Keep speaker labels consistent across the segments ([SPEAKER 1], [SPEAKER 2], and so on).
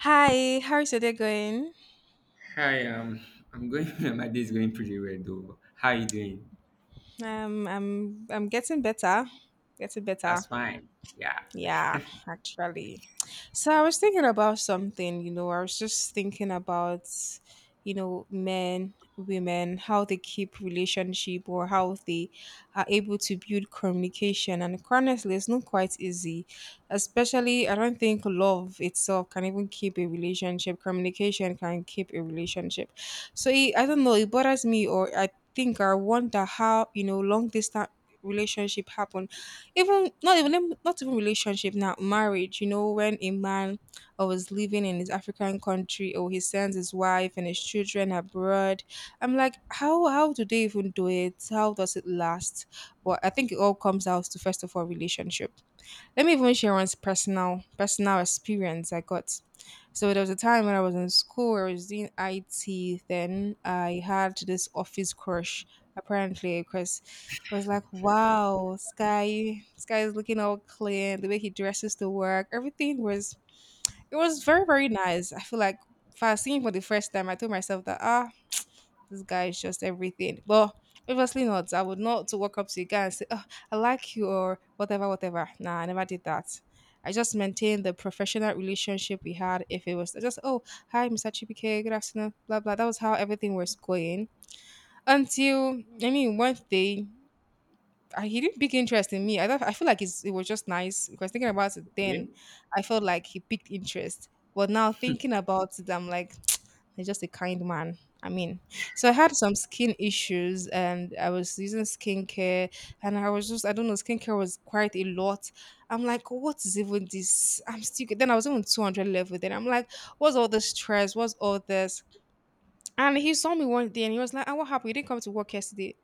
[SPEAKER 1] Hi, how is your day going?
[SPEAKER 2] Hi, I'm going. My day is going pretty well, though. How are you doing?
[SPEAKER 1] I'm getting better.
[SPEAKER 2] That's fine. Yeah.
[SPEAKER 1] Yeah, actually. So I was thinking about something, you know, I was just thinking about, you know, men, women, how they keep relationship or how they are able to build communication. And honestly, it's not quite easy. Especially, I don't think love itself can even keep a relationship. Communication can keep a relationship. So it, I don't know, it bothers me or I think I wonder how, you know, long distance relationship happen even not even not even relationship now marriage, you know, when a man or was living in his African country or he sends his wife and his children abroad. I'm like, how do they even do it? How does it last? But I think it all comes out to first of all relationship. Let me even share one's personal experience I got. So there was a time when I was in school, I was doing IT. Then I had this office crush, apparently, because I was like,
[SPEAKER 2] Okay.
[SPEAKER 1] "Wow, Sky is looking all clean. The way he dresses to work, everything was it was very very nice. I feel like." For seeing for the first time, I told myself that this guy is just everything. But obviously not. I would not to walk up to a guy and say, oh, I like you or whatever, whatever. Nah, I never did that. I just maintained the professional relationship we had. If it was just, oh, hi, Mr. Chibike, good afternoon, blah, blah. That was how everything was going. Until, I mean, one day I, he didn't pick interest in me. I thought I feel like it's, it was just nice because thinking about it
[SPEAKER 2] Okay.
[SPEAKER 1] then, I felt like he picked interest. But now thinking about it, I'm like, he's just a kind man. I mean, so I had some skin issues and I was using skincare and I was just, I don't know, skincare was quite a lot. I'm like, what is even this? I'm still, then I was even 200 level. Then I'm like, what's all this stress? What's all this? And he saw me one day and he was like, what happened? You didn't come to work yesterday.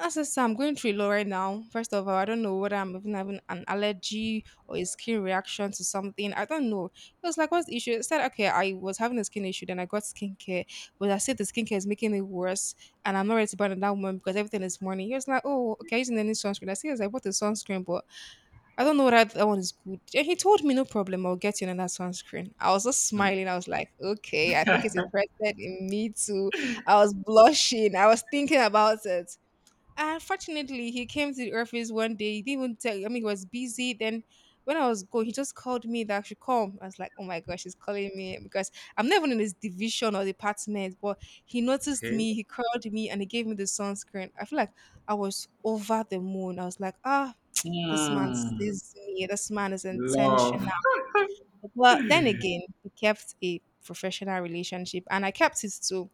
[SPEAKER 1] As I say, I'm going through a lot right now. First of all, I don't know whether I'm even having an allergy or a skin reaction to something. I don't know. It was like, what's the issue? It said, okay, I was having a skin issue, then I got skincare, but I said the skincare is making it worse, and I'm not ready to buy another one because everything is morning. He was like, oh, okay, using any sunscreen. I said, yes, I bought the sunscreen, but I don't know whether that one is good. And he told me, no problem, I'll get you another sunscreen. I was just
[SPEAKER 2] Hmm.
[SPEAKER 1] smiling. I was like, okay, I think it's interested in me too. I was blushing. I was thinking about it. Unfortunately, he came to the office one day. He didn't even tell. I mean, he was busy. Then when I was going, he just called me that I should come. I was like, oh my gosh, he's calling me because I'm not even in his division or department. But he noticed me. He called me and he gave me the sunscreen. I feel like I was over the moon. I was like, ah. This man
[SPEAKER 2] Okay. Hmm.
[SPEAKER 1] sees me. This man is
[SPEAKER 2] Love.
[SPEAKER 1] intentional. But then again, he kept a professional relationship, and I kept it too.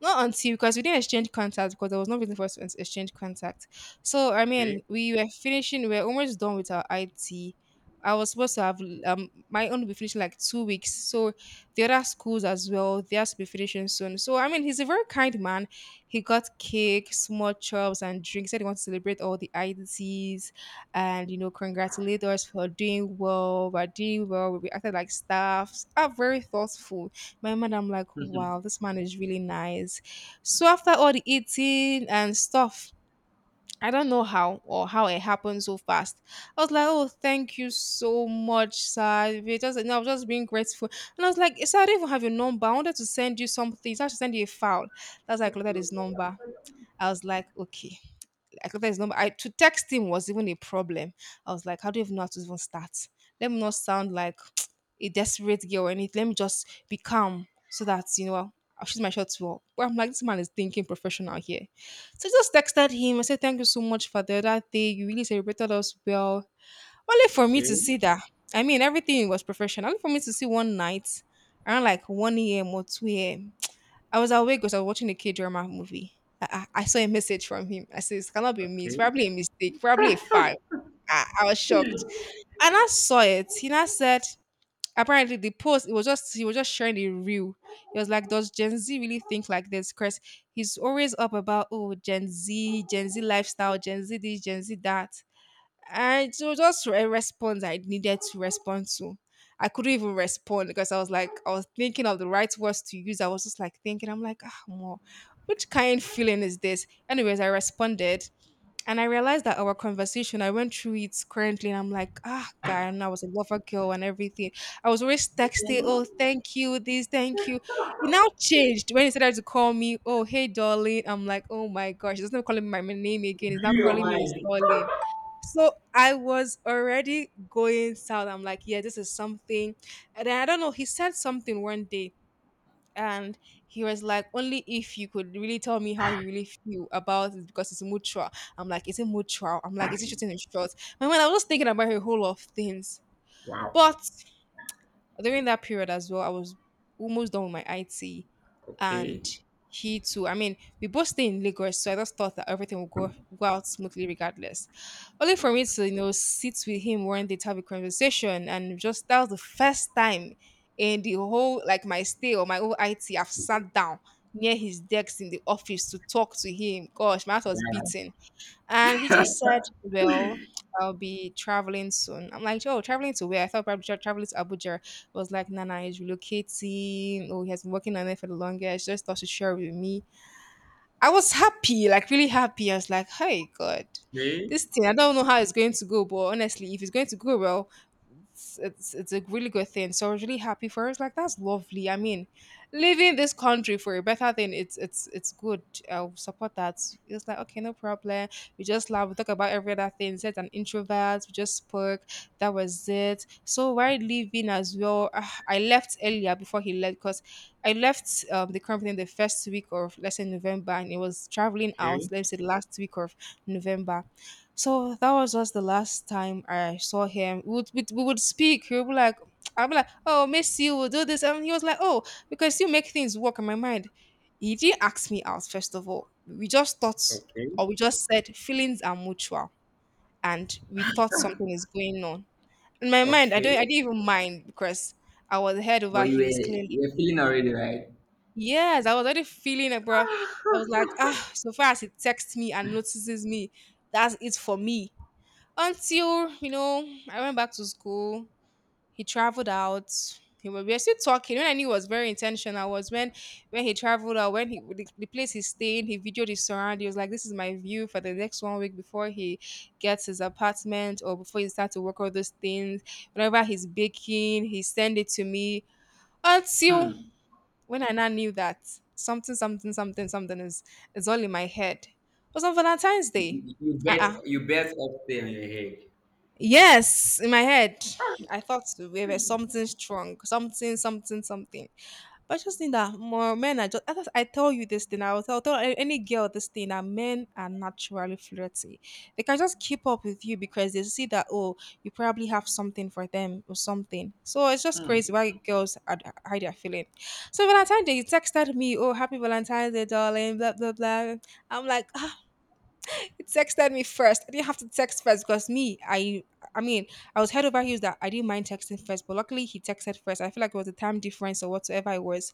[SPEAKER 1] Not until because we didn't exchange contacts because there was no reason for us to exchange contacts. So I
[SPEAKER 2] Okay.
[SPEAKER 1] mean, we were finishing. We were almost done with our IT. I was supposed to have my own will be finishing like two weeks. So the other schools as well, they have to be finishing soon. So I mean, he's a very kind man. He got cake, small chops, and drinks. Said he wants to celebrate all the IDCs and you know congratulate us for doing well. We're doing well. We acted like staffs. Are very thoughtful my mind, I'm like, wow, this man is really nice. So after all the eating and stuff, I don't know how or how it happened so fast. I was like, oh, thank you so much, sir. We just, and I was just being grateful. And I was like, sir, I don't even have your number. I wanted to send you something. So I should send you a file. That's like, look at his number. I was like, okay. I could his number. I to text him was even a problem. I was like, how do you even know how to even start? Let me not sound like a desperate girl or anything. Let me just be calm so that you know I'll shoot my shot well. But I'm like, this man is thinking professional here. So I just texted him. I said, thank you so much for the other day. You really celebrated us well. Only for me to
[SPEAKER 2] Okay.
[SPEAKER 1] see that. I mean, everything was professional. Only for me to see one night around like 1 a.m. or 2 a.m. I was awake because I was watching a K drama movie. I saw a message from him. I said, this cannot be me. It's
[SPEAKER 2] Okay.
[SPEAKER 1] probably a mistake, probably a file. I was shocked. And I saw it. He now said, apparently the post, it was just he was just sharing the reel. He was like, does Gen Z really think like this? Chris, he's always up about Gen Z, Gen Z lifestyle, Gen Z this, Gen Z that. And so just a response I needed to respond to. I couldn't even respond because I was like, I was thinking of the right words to use. I was just like thinking, I'm like, which kind feeling is this? Anyways, I responded and I realized that our conversation, I went through it currently and I'm like, ah, guy, and I was a lover girl and everything. I was always texting, oh, thank you, this, thank you. It now changed when he started to call me, oh, hey, darling. I'm like, oh my gosh, he's not calling me my name again. He's not
[SPEAKER 2] Your
[SPEAKER 1] calling me his
[SPEAKER 2] mind.
[SPEAKER 1] darling. So I was already going south. I'm like, yeah, this is something. And then I don't know, he said something one day and he was like, only if you could really tell me how you really feel about it because it's mutual. I'm like, is it mutual? I'm like, is it shooting in short? My mind, I was just thinking about a whole lot of things.
[SPEAKER 2] Wow.
[SPEAKER 1] But during that period as well, I was almost done with my IT, and
[SPEAKER 2] Okay.
[SPEAKER 1] he too. I mean, we both stay in Lagos, so I just thought that everything would go out smoothly regardless. Only for me to, you know, sit with him one day to have a conversation, and just that was the first time in the whole like my stay or my whole IT, I've sat down near his desk in the office to talk to him. Gosh, my heart was
[SPEAKER 2] Wow.
[SPEAKER 1] beating. And he just said, well, I'll be traveling soon. I'm like, oh, traveling to where? I thought probably traveling to Abuja. I was like, Nana is relocating. Oh, he has been working on it for the longest. Just thought to share with me. I was happy, like really happy. I was like, hey, God,
[SPEAKER 2] Okay.
[SPEAKER 1] this thing, I don't know how it's going to go, but honestly, if it's going to go well, it's a really good thing. So I was really happy for her. It's like that's lovely. I mean, leaving this country for a better thing, it's good. I'll support that. It's like okay, no problem. We just laugh, we talk about every other thing. Said an introvert, we just spoke. That was it. So why leaving as well? Ah, I left earlier before he left because I left the company the first week of let's say November and it was traveling out,
[SPEAKER 2] Okay.
[SPEAKER 1] let's say last week of November. So that was just the last time I saw him. We would speak. He would be like, I'd be like, oh, miss you, we'll do this. And he was like, oh, because you make things work in my mind. He didn't ask me out, first of all. We just thought,
[SPEAKER 2] Okay.
[SPEAKER 1] or we just said, feelings are mutual. And we thought something is going on. In my mind, I,
[SPEAKER 2] Okay.
[SPEAKER 1] don't, I didn't even mind because I was head
[SPEAKER 2] But
[SPEAKER 1] over
[SPEAKER 2] you were
[SPEAKER 1] heels,
[SPEAKER 2] you
[SPEAKER 1] clearly.
[SPEAKER 2] were feeling already, right?
[SPEAKER 1] Yes, I was already feeling it, bro. I was like, ah, so far as he texts me and notices me, that's it for me until, you know, I went back to school, he traveled out. We were still talking. When I knew it was very intentional was when he traveled out, when the place he stayed, he videoed his surroundings. He was like, "This is my view for the next 1 week before he gets his apartment or before he starts to work all those things." Whenever he's baking, he send it to me. Until
[SPEAKER 2] Hmm.
[SPEAKER 1] when I now knew that something, something, something, something is all in my head. It was on Valentine's
[SPEAKER 2] You,
[SPEAKER 1] Day.
[SPEAKER 2] you, you
[SPEAKER 1] Uh
[SPEAKER 2] bet
[SPEAKER 1] uh
[SPEAKER 2] you bet up there on your head.
[SPEAKER 1] Yes, in my head, I thought we were something strong, something. But I just think that more men are just. I tell you this thing. I will any girl this thing that men are naturally flirty. They can just keep up with you because they see that, oh, you probably have something for them or something. So it's just crazy why girls are hide their feeling. So Valentine's Day, you texted me, oh, happy Valentine's Day, darling, blah blah blah. I'm like, he texted me first. I didn't have to text first because me, I mean, I was head over heels that I didn't mind texting first, but luckily he texted first. I feel like it was a time difference or whatsoever it was.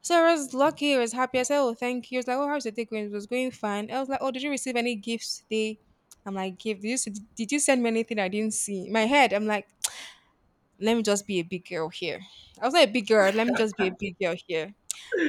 [SPEAKER 1] So I was lucky, I was happy. I said, oh, thank you. He was like, oh, how's your day going? It was going fine. I was like, oh, did you receive any gifts today? I'm like, gift. Did you send me anything I didn't see? In my head, I'm like, let me just be a big girl here. I was not a big girl. Let me just be a big girl here.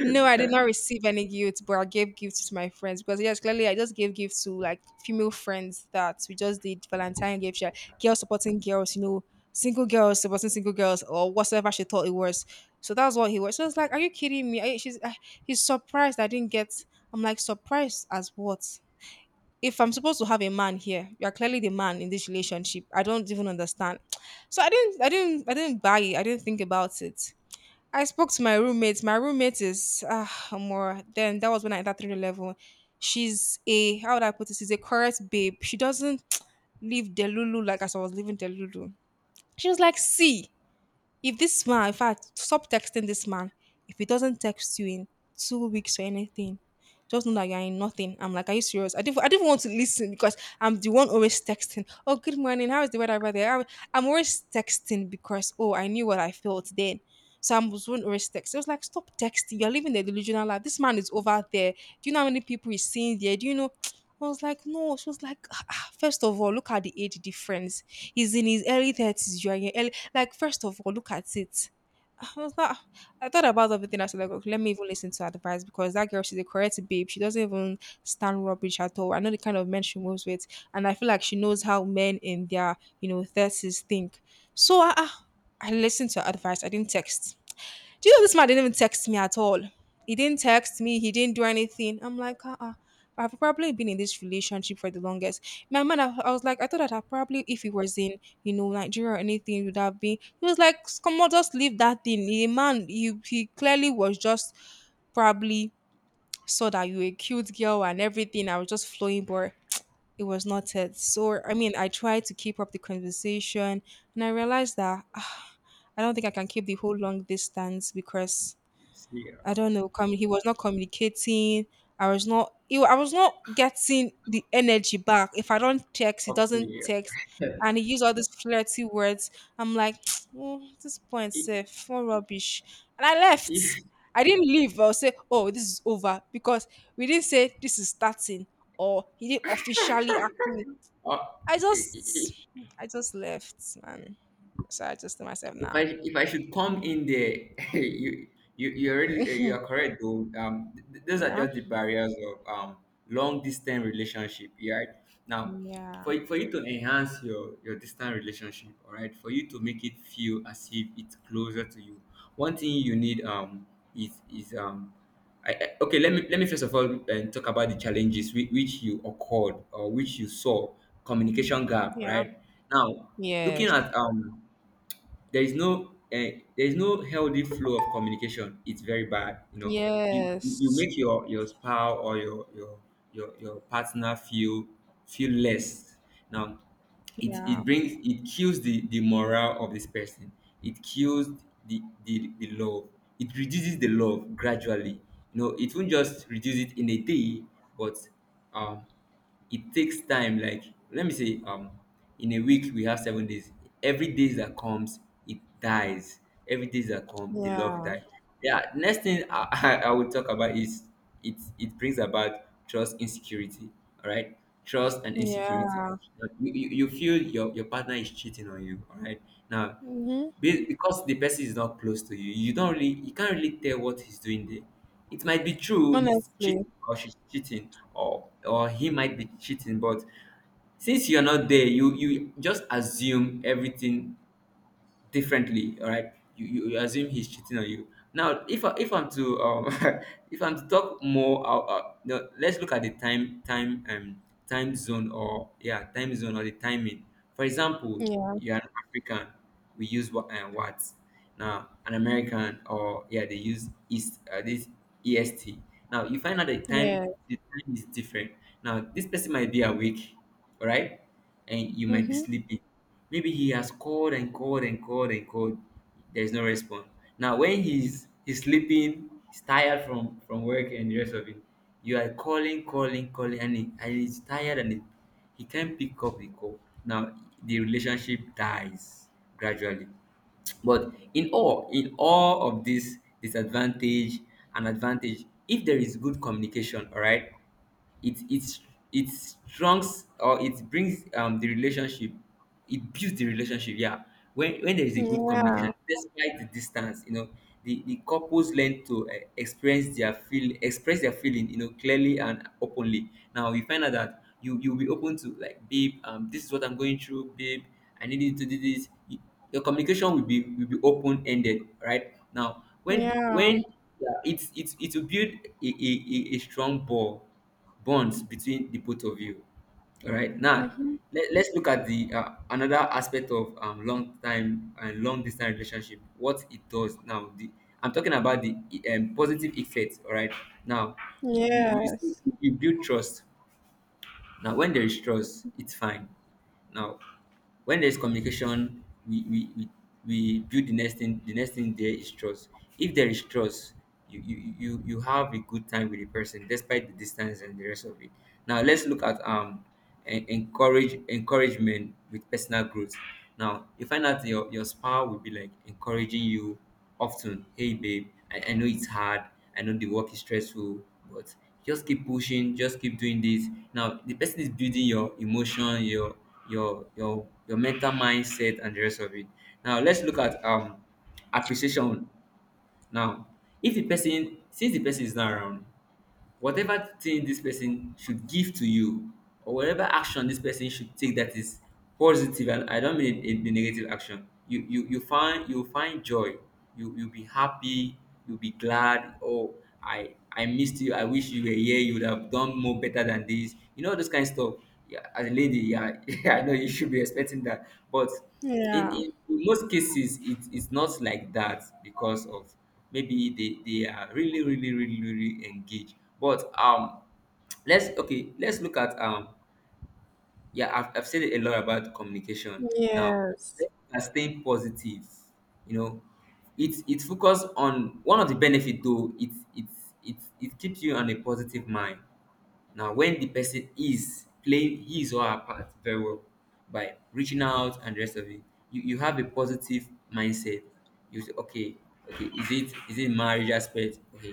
[SPEAKER 1] No, I did not receive any gifts, but I gave gifts to my friends because yes, clearly I just gave gifts to like female friends that we just did Valentine gift share, girls supporting girls, you know, single girls supporting single girls or whatever she thought it was. So that's what he was. So I was like, "Are you kidding me?" I, she's He's surprised I didn't get. I'm like surprised as what? If I'm supposed to have a man here, you are clearly the man in this relationship. I don't even understand. So I didn't buy it. I didn't think about it. I spoke to my roommate. My roommate is ah more. Then that was when I entered through the level. She's a how would I put this? She's a correct babe. She doesn't leave Delulu like as I was leaving Delulu. She was like, see, if this man, in fact, stop texting this man. If he doesn't text you in 2 weeks or anything, just know that you're in nothing. I'm like, are you serious? I didn't want to listen because I'm the one always texting. Oh, good morning. How is the weather over there? I'm always texting because oh, I knew what I felt then. So I was one always texting. I was like, stop texting. You're living the delusional life. This man is over there. Do you know how many people he's seeing there? Do you know? I was like, no. She was like, "Ah, ah, first of all, look at the age difference. He's in his early thirties. You are in your like, first of all, look at it." I was not. I thought about everything. I was like, okay, let me even listen to her advice because that girl, she's a correct babe. She doesn't even stand rubbish at all. I know the kind of men she moves with, and I feel like she knows how men in their, you know, thirties think. So I listened to her advice. I didn't text. Do you know this man didn't even text me at all? He didn't text me. He didn't do anything. I'm like, I've probably been in this relationship for the longest. My man, I was like, I thought that I probably, if he was in, you know, Nigeria or anything, it would have been. He was like, come on, just leave that thing. He clearly was just probably saw that you were a cute girl and everything. I was just flowing, but it was not it. So, I mean, I tried to keep up the conversation and I realized that ah, I don't think I can keep the whole long distance because
[SPEAKER 2] See,
[SPEAKER 1] I don't know. He was not communicating. I was not. I was not getting the energy back. If I don't text, he doesn't
[SPEAKER 2] okay.
[SPEAKER 1] text, and he used all these flirty words. I'm like, oh, this point,
[SPEAKER 2] If
[SPEAKER 1] safe, what rubbish, and I left.
[SPEAKER 2] if
[SPEAKER 1] I didn't leave. I'll say, oh, this is over because we didn't say this is starting or he didn't officially ask me.
[SPEAKER 2] uh,
[SPEAKER 1] I
[SPEAKER 2] I-
[SPEAKER 1] just,
[SPEAKER 2] I-
[SPEAKER 1] I just left, man. So I just to myself,
[SPEAKER 2] if
[SPEAKER 1] nah.
[SPEAKER 2] I if I should come in there, you are correct though. Those are
[SPEAKER 1] Yeah,
[SPEAKER 2] just the barriers of long distance relationship. Yeah. Right now,
[SPEAKER 1] yeah,
[SPEAKER 2] for you to enhance your distant relationship, all right, for you to make it feel as if it's closer to you. One thing you need is. Okay, let me first of all, talk about the challenges, which you occurred or which you saw. Communication gap.
[SPEAKER 1] yeah,
[SPEAKER 2] Right now, looking
[SPEAKER 1] yes.
[SPEAKER 2] at, there is no healthy flow of communication. It's very bad, you know. You you
[SPEAKER 1] Yes.
[SPEAKER 2] make your spouse or your partner feel less. Now it
[SPEAKER 1] Yeah.
[SPEAKER 2] it brings it kills the morale of this person. It kills the love. It reduces the love gradually, you know. It won't just reduce it in a day, but um it takes time. Like, let me say, in a week we have 7 days. Every day that comes, it dies. Every days that come, the love
[SPEAKER 1] Yeah.
[SPEAKER 2] dies. Yeah. Next thing I will talk about is it brings about trust insecurity. All right, trust and insecurity.
[SPEAKER 1] Yeah.
[SPEAKER 2] Now, you feel your partner is cheating on you. All right. Now,
[SPEAKER 1] Mhm.
[SPEAKER 2] because the person is not close to you, you don't really you can't really tell what he's doing there. It might be true he's cheating
[SPEAKER 1] Honestly.
[SPEAKER 2] or she's cheating, or he might be cheating, but since you're not there, you just assume everything differently. All right, you assume he's cheating on you. Now, if I'm to if I'm to talk more no, let's look at the time zone, or yeah, time zone or the timing. For example,
[SPEAKER 1] Yeah.
[SPEAKER 2] you're an African, we use, what? Now an American, or yeah, they use east, this EST. Now you find out
[SPEAKER 1] Yeah.
[SPEAKER 2] the time is different. Now this person might be awake, all right, and you might be
[SPEAKER 1] Mhm.
[SPEAKER 2] sleeping. Maybe he has called and called and called and called. There's no response. Now when he's sleeping, he's tired from work and the rest of it. You are calling, calling, calling, and he's tired, and he can't pick up the call. Now the relationship dies gradually. But in all of this disadvantage and advantage, if there is good communication, all right, it it it strongs or it brings, the relationship. It builds the relationship. Yeah. When there is a good communication
[SPEAKER 1] Yeah.
[SPEAKER 2] despite the distance, you know, the couples learn to, experience their, feel express their feeling, you know, clearly and openly. Now you find out that you'll be open to, like, babe, this is what I'm going through. Babe, I need you to do this. Your communication will be open ended. Right. Now when
[SPEAKER 1] Yeah.
[SPEAKER 2] yeah, it will build a strong bonds between the both of you. All right. Now,
[SPEAKER 1] Mhm.
[SPEAKER 2] let's look at the, another aspect of, long time and long distance relationship. What it does now. The I'm talking about the, positive effects. All right. Now, you see,
[SPEAKER 1] Yes.
[SPEAKER 2] you build trust. Now, when there is trust, it's fine. Now, when there's communication, we build the next thing. The next thing, there is trust. If there is trust, you have a good time with the person despite the distance and the rest of it. Now, let's look at, encouragement with personal growth. Now, you find out your spouse will be like encouraging you often. Hey, babe, I know it's hard, I know the work is stressful, but just keep pushing, just keep doing this. Now the person is building your emotion, your mental mindset and the rest of it. Now let's look at, appreciation. Now, if the person since the person is not around, whatever thing this person should give to you, or whatever action this person should take, that is positive, and I don't mean a negative action. You'll find joy. You'll be happy, you'll be glad. Oh, I missed you, I wish you were here, you would have done more better than this, you know, this kind of stuff. Yeah, as a lady. Yeah, yeah, I know you should be expecting that, but in,
[SPEAKER 1] Yeah.
[SPEAKER 2] in, in most cases it is not like that because of, maybe they are really really really really engaged. But let's okay, let's look at, yeah, I've said a lot about communication. Now
[SPEAKER 1] Yes.
[SPEAKER 2] let's look at staying positive. You know, it focus on one of the benefit, though it it keeps you on a positive mind. Now, when the person is playing his or her part very well by reaching out and the rest of it, you have a positive mindset. You say, okay, okay, is it marriage aspect? Okay,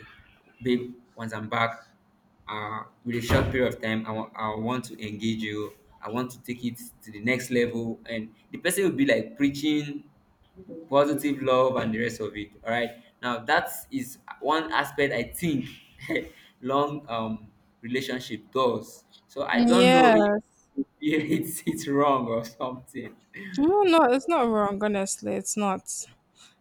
[SPEAKER 2] babe, once I'm back, with a short period of time, I want to engage you. I want to take it to the next level, and the person will be like preaching positive love and the rest of it. All right, now that is one aspect, I think long, relationship does. So I don't know if
[SPEAKER 1] Yes.
[SPEAKER 2] it's wrong or something.
[SPEAKER 1] No, no, it's not wrong, honestly. It's not.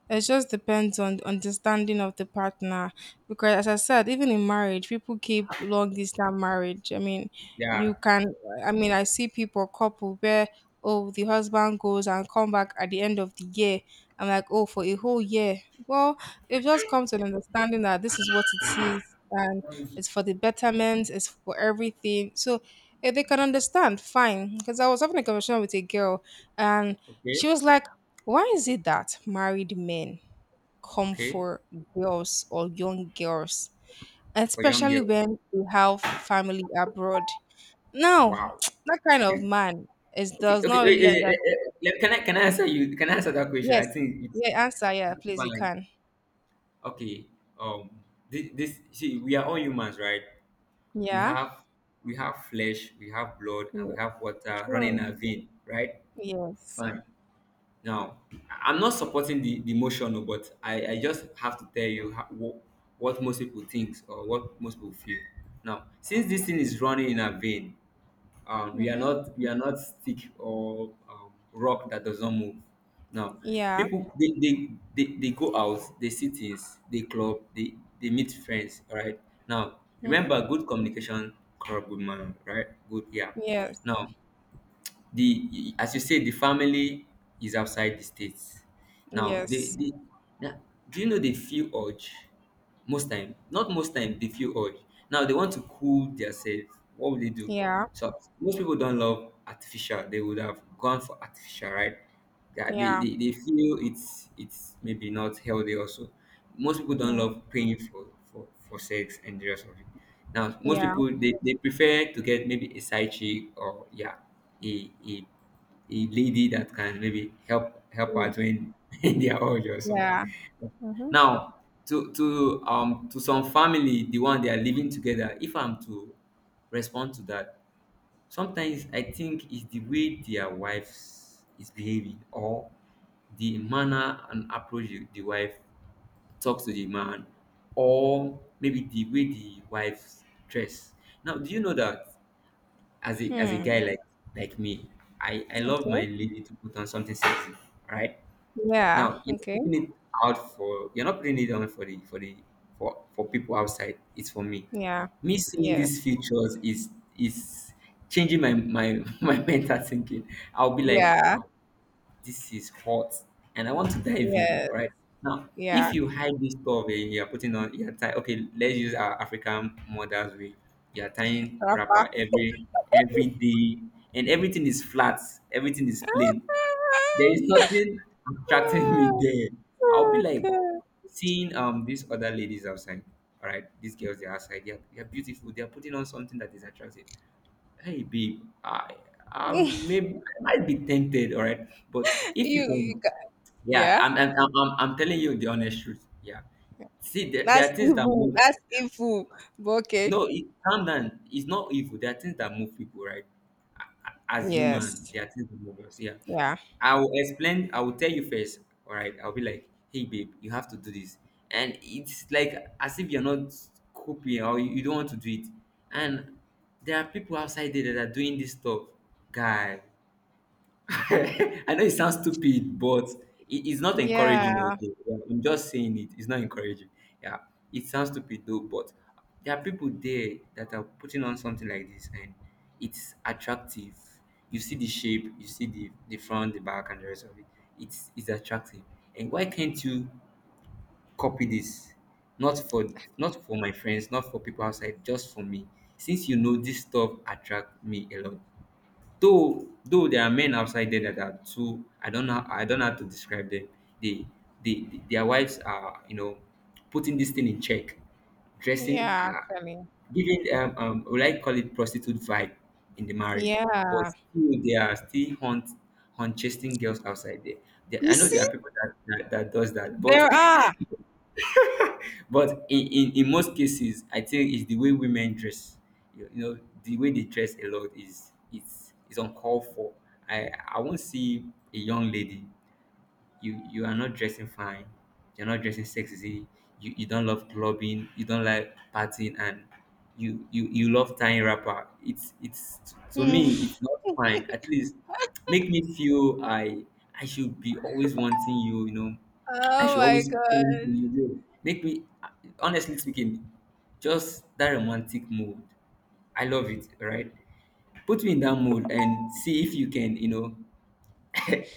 [SPEAKER 1] It just depends on the understanding of the partner. Because as I said, even in marriage, people keep long distance marriage. I mean,
[SPEAKER 2] Yeah.
[SPEAKER 1] you can I mean I see people couple where oh the husband goes and come back at the end of the year. I'm like, oh for a whole year. Well, it just comes to an understanding that this is what it is and it's for the betterment, it's for everything. So if they can understand, fine. Because I was having a conversation with a girl and
[SPEAKER 2] Okay.
[SPEAKER 1] she was like, why is it that married men come
[SPEAKER 2] Okay.
[SPEAKER 1] for girls or young girls,
[SPEAKER 2] For young
[SPEAKER 1] especially
[SPEAKER 2] girls.
[SPEAKER 1] when they have family abroad? Now,
[SPEAKER 2] Wow.
[SPEAKER 1] that kind of man is
[SPEAKER 2] Okay.
[SPEAKER 1] does
[SPEAKER 2] Okay.
[SPEAKER 1] not really understand.
[SPEAKER 2] Can I answer that question? I
[SPEAKER 1] Yes,
[SPEAKER 2] think it's,
[SPEAKER 1] yeah, answer, yeah,
[SPEAKER 2] that's
[SPEAKER 1] please, you
[SPEAKER 2] fine.
[SPEAKER 1] can.
[SPEAKER 2] Okay. um this, this See, we are all humans, right? we
[SPEAKER 1] Yeah,
[SPEAKER 2] have we have flesh, we have blood, and we
[SPEAKER 1] yeah
[SPEAKER 2] have water running in
[SPEAKER 1] true.
[SPEAKER 2] our vein, right?
[SPEAKER 1] Yes.
[SPEAKER 2] Fine. Now, I'm not supporting the motion, oh, but I just have to tell you how, what most people think or what most people feel. Now, since this thing is running in our vein,
[SPEAKER 1] Mm-hmm.
[SPEAKER 2] we are not stick or, rock that doesn't move. Now
[SPEAKER 1] Yeah.
[SPEAKER 2] people, they go out, they see things, they club, they meet friends. All right. Now
[SPEAKER 1] Mm-hmm.
[SPEAKER 2] remember, good communication corrupt good manner, right? Good. Yeah.
[SPEAKER 1] Yes.
[SPEAKER 2] Now, the as you said, the family is outside the states. Now,
[SPEAKER 1] Yes.
[SPEAKER 2] they now, do you know they feel urge? Most time, not most time, they feel urge. Now they want to cool themselves. What will they do?
[SPEAKER 1] Yeah.
[SPEAKER 2] So most people don't love artificial. They would have gone for artificial, right? Yeah, they,
[SPEAKER 1] Yeah.
[SPEAKER 2] they, they feel it's maybe not healthy also. Most people don't
[SPEAKER 1] Yeah.
[SPEAKER 2] love paying for sex and the rest of it. Now, most
[SPEAKER 1] Yeah.
[SPEAKER 2] people, they prefer to get maybe a side chick, or yeah, a, a a lady that can maybe help out
[SPEAKER 1] Ye-
[SPEAKER 2] when they are old or something.
[SPEAKER 1] Yeah. Mm-hmm.
[SPEAKER 2] Now, to some family, the one they are living together, if I'm to respond to that, sometimes I think it's the way their wives is behaving, or the manner and approach the wife talk to the man, or maybe the way the wife dress. Now do you know that as a
[SPEAKER 1] Hmm.
[SPEAKER 2] guy like me, I love my
[SPEAKER 1] Okay.
[SPEAKER 2] lady to put on something sexy, right?
[SPEAKER 1] Yeah.
[SPEAKER 2] Now,
[SPEAKER 1] Okay.
[SPEAKER 2] you're not putting it on for the for the for people outside. It's for me.
[SPEAKER 1] Yeah.
[SPEAKER 2] Me seeing these
[SPEAKER 1] Yes.
[SPEAKER 2] features is changing my my mental thinking. I'll be like,
[SPEAKER 1] Yeah,
[SPEAKER 2] wow, this is hot, and I want to dive in.
[SPEAKER 1] yeah,
[SPEAKER 2] All right. Now,
[SPEAKER 1] yeah,
[SPEAKER 2] if you hide this stuff and you're tie, okay, let's use our African mothers way. You're tying wrapper
[SPEAKER 1] proper.
[SPEAKER 2] every day, and everything is flat, everything is plain. There is nothing attracting me there. I'll be
[SPEAKER 1] Oh,
[SPEAKER 2] like
[SPEAKER 1] God.
[SPEAKER 2] seeing, these other ladies outside. All right, these girls, they're outside, they're beautiful, they're putting on something that is attractive. Hey, babe,
[SPEAKER 1] You,
[SPEAKER 2] I might be tempted. All right, but if you
[SPEAKER 1] you
[SPEAKER 2] can,
[SPEAKER 1] ca-
[SPEAKER 2] yeah,
[SPEAKER 1] yeah,
[SPEAKER 2] I'm telling you the honest truth. Yeah. See, there
[SPEAKER 1] that's
[SPEAKER 2] are things that
[SPEAKER 1] evil.
[SPEAKER 2] move.
[SPEAKER 1] That's
[SPEAKER 2] Yeah.
[SPEAKER 1] evil. But okay.
[SPEAKER 2] No, calm down. It's not evil. There are things that move people, right? As human,
[SPEAKER 1] Yes.
[SPEAKER 2] there are things that move us. Yeah.
[SPEAKER 1] Yeah.
[SPEAKER 2] I will explain. I will tell you first. All right. I'll be like, hey, babe, you have to do this, and it's like as if you're not coping or you don't want to do it. And there are people outside there that are doing this stuff, guy. I know it sounds stupid, but it's not encouraging.
[SPEAKER 1] Yeah.
[SPEAKER 2] Okay. Yeah, I'm just saying it. It's not encouraging. Yeah, it sounds stupid though, but there are people there that are putting on something like this, and it's attractive. You see the shape, you see the front, the back, and the rest of it. It's attractive. And why can't you copy this? Not for Not for my friends, not for people outside, just for me. Since you know this stuff attract me a lot. Though there are men outside there that are too. I don't know how to describe them. They their wives are, you know, putting this thing in check, dressing
[SPEAKER 1] Yeah, actually.
[SPEAKER 2] giving would I call it prostitute vibe in the marriage. But
[SPEAKER 1] Yeah.
[SPEAKER 2] still they are still hunt chasing girls outside there.
[SPEAKER 1] You
[SPEAKER 2] I know there
[SPEAKER 1] see,
[SPEAKER 2] are people that, that does that, but
[SPEAKER 1] there are.
[SPEAKER 2] But in most cases, I think it's the way women dress. You know, the way they dress a lot is it's uncalled for. I won't see a young lady. You are not dressing fine, you're not dressing sexy, you don't love clubbing, you don't like partying, and you love tying wrapper. It's To me
[SPEAKER 1] Mm.
[SPEAKER 2] it's not fine. At least make me feel I should be always wanting you. You know, I
[SPEAKER 1] Oh
[SPEAKER 2] should
[SPEAKER 1] my
[SPEAKER 2] always come to
[SPEAKER 1] God.
[SPEAKER 2] you. Make me, honestly speaking, just that romantic mood. I love it, right? Put me in that mood and see if you can, you know,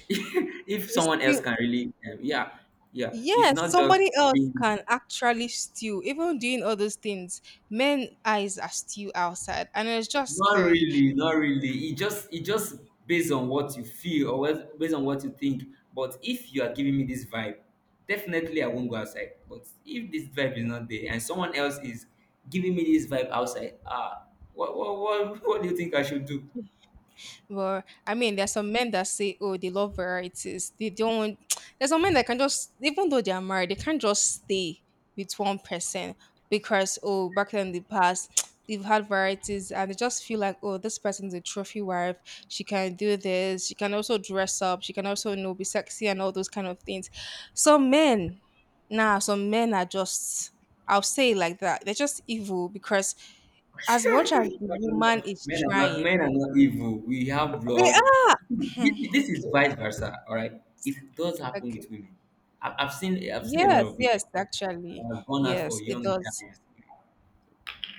[SPEAKER 2] if
[SPEAKER 1] It's
[SPEAKER 2] someone else
[SPEAKER 1] still,
[SPEAKER 2] can really yeah. Yeah, it's
[SPEAKER 1] yes,
[SPEAKER 2] not just
[SPEAKER 1] somebody else
[SPEAKER 2] being
[SPEAKER 1] can actually steal. Even doing all those things, men eyes are still outside. And it's just scary.
[SPEAKER 2] not really. It just based on what you feel or what, based on what you think. But if you are giving me this vibe, definitely I won't go outside. But if this vibe is not there and someone else is giving me this vibe outside, ah, what do you think I should do?
[SPEAKER 1] Well, I mean, there's some men that say, "Oh, they love varieties." They don't. There's some men that can just, even though they are married, they can't just stay with one person because, oh, back in the past, they've had varieties, and they just feel like, oh, this person's a trophy wife. She can do this. She can also dress up. She can also, you know, be sexy and all those kind of things. Some men, nah, some men are just. I'll say it like that. They're just evil because as much as the woman is
[SPEAKER 2] Men
[SPEAKER 1] trying,
[SPEAKER 2] are not evil. We have
[SPEAKER 1] they
[SPEAKER 2] blood.
[SPEAKER 1] are.
[SPEAKER 2] This is
[SPEAKER 1] Okay,
[SPEAKER 2] vice versa. All right, it does happen with
[SPEAKER 1] okay.
[SPEAKER 2] women. I've seen a lot
[SPEAKER 1] Yes,
[SPEAKER 2] of women
[SPEAKER 1] yes, actually.
[SPEAKER 2] that have gone out for
[SPEAKER 1] Yes, it
[SPEAKER 2] young
[SPEAKER 1] does.
[SPEAKER 2] guys.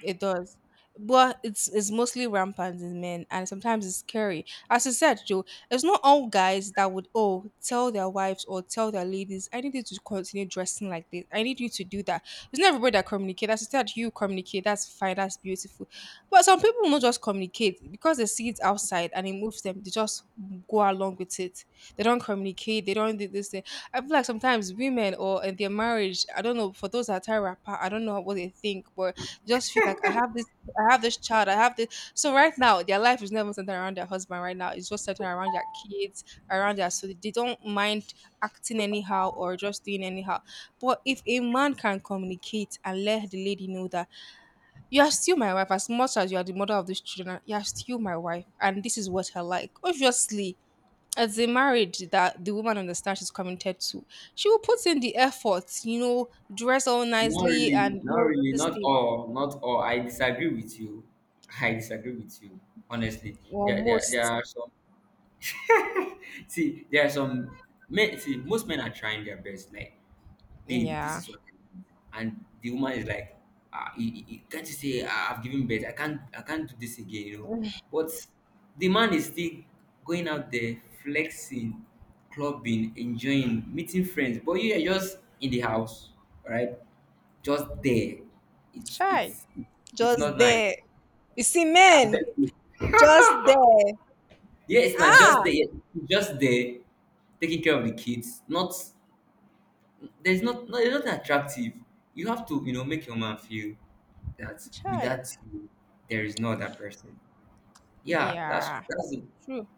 [SPEAKER 1] It does. But it's mostly rampant in men and sometimes it's scary. As you said, Joe, it's not all guys that would oh tell their wives or tell their ladies, I need you to continue dressing like this. I need you to do that. It's not everybody that communicate. As you said, you communicate, that's fine, that's beautiful. But some people will not just communicate because they see it outside and it moves them, they just go along with it. They don't communicate, they don't do this thing. I feel like sometimes women or in their marriage, I don't know, for those that are rapper, I don't know what they think, but just feel like I have this child, I have this. So right now, their life is never centered around their husband. Right now, it's just centered around their kids, around their. So they don't mind acting anyhow or just doing anyhow. But if a man can communicate and let the lady know that you are still my wife, as much as you are the mother of these children, you are still my wife, and this is what I like. Obviously, as a marriage that the woman understands she's committed to, she will put in the effort, you know, dress all nicely and you
[SPEAKER 2] Not
[SPEAKER 1] know, do
[SPEAKER 2] really,
[SPEAKER 1] this thing.
[SPEAKER 2] not all. I disagree with you. I disagree with you. Honestly,
[SPEAKER 1] Or
[SPEAKER 2] there
[SPEAKER 1] most
[SPEAKER 2] are some. See, there are some men. See, most men are trying their best. Like, babe, this
[SPEAKER 1] Yeah.
[SPEAKER 2] is what I need. And the woman is like, ah, can't you say, "Ah, I've given birth? I can't do this again, you know."
[SPEAKER 1] Mm,
[SPEAKER 2] But the man is still going out there flexing, clubbing, enjoying, meeting friends. But you are just in the house, right? Just there. It's
[SPEAKER 1] Shy.
[SPEAKER 2] it's it's
[SPEAKER 1] Just
[SPEAKER 2] not nice.
[SPEAKER 1] there. You see
[SPEAKER 2] I'm telling
[SPEAKER 1] men
[SPEAKER 2] you.
[SPEAKER 1] just there.
[SPEAKER 2] Yeah, it's not just
[SPEAKER 1] Ah,
[SPEAKER 2] there. Just there, taking care of the kids, not there's not no, it's not attractive. You have to, you know, make your man feel that
[SPEAKER 1] shy.
[SPEAKER 2] without you, there is no other person. Yeah, that's
[SPEAKER 1] Yeah.
[SPEAKER 2] it.
[SPEAKER 1] True.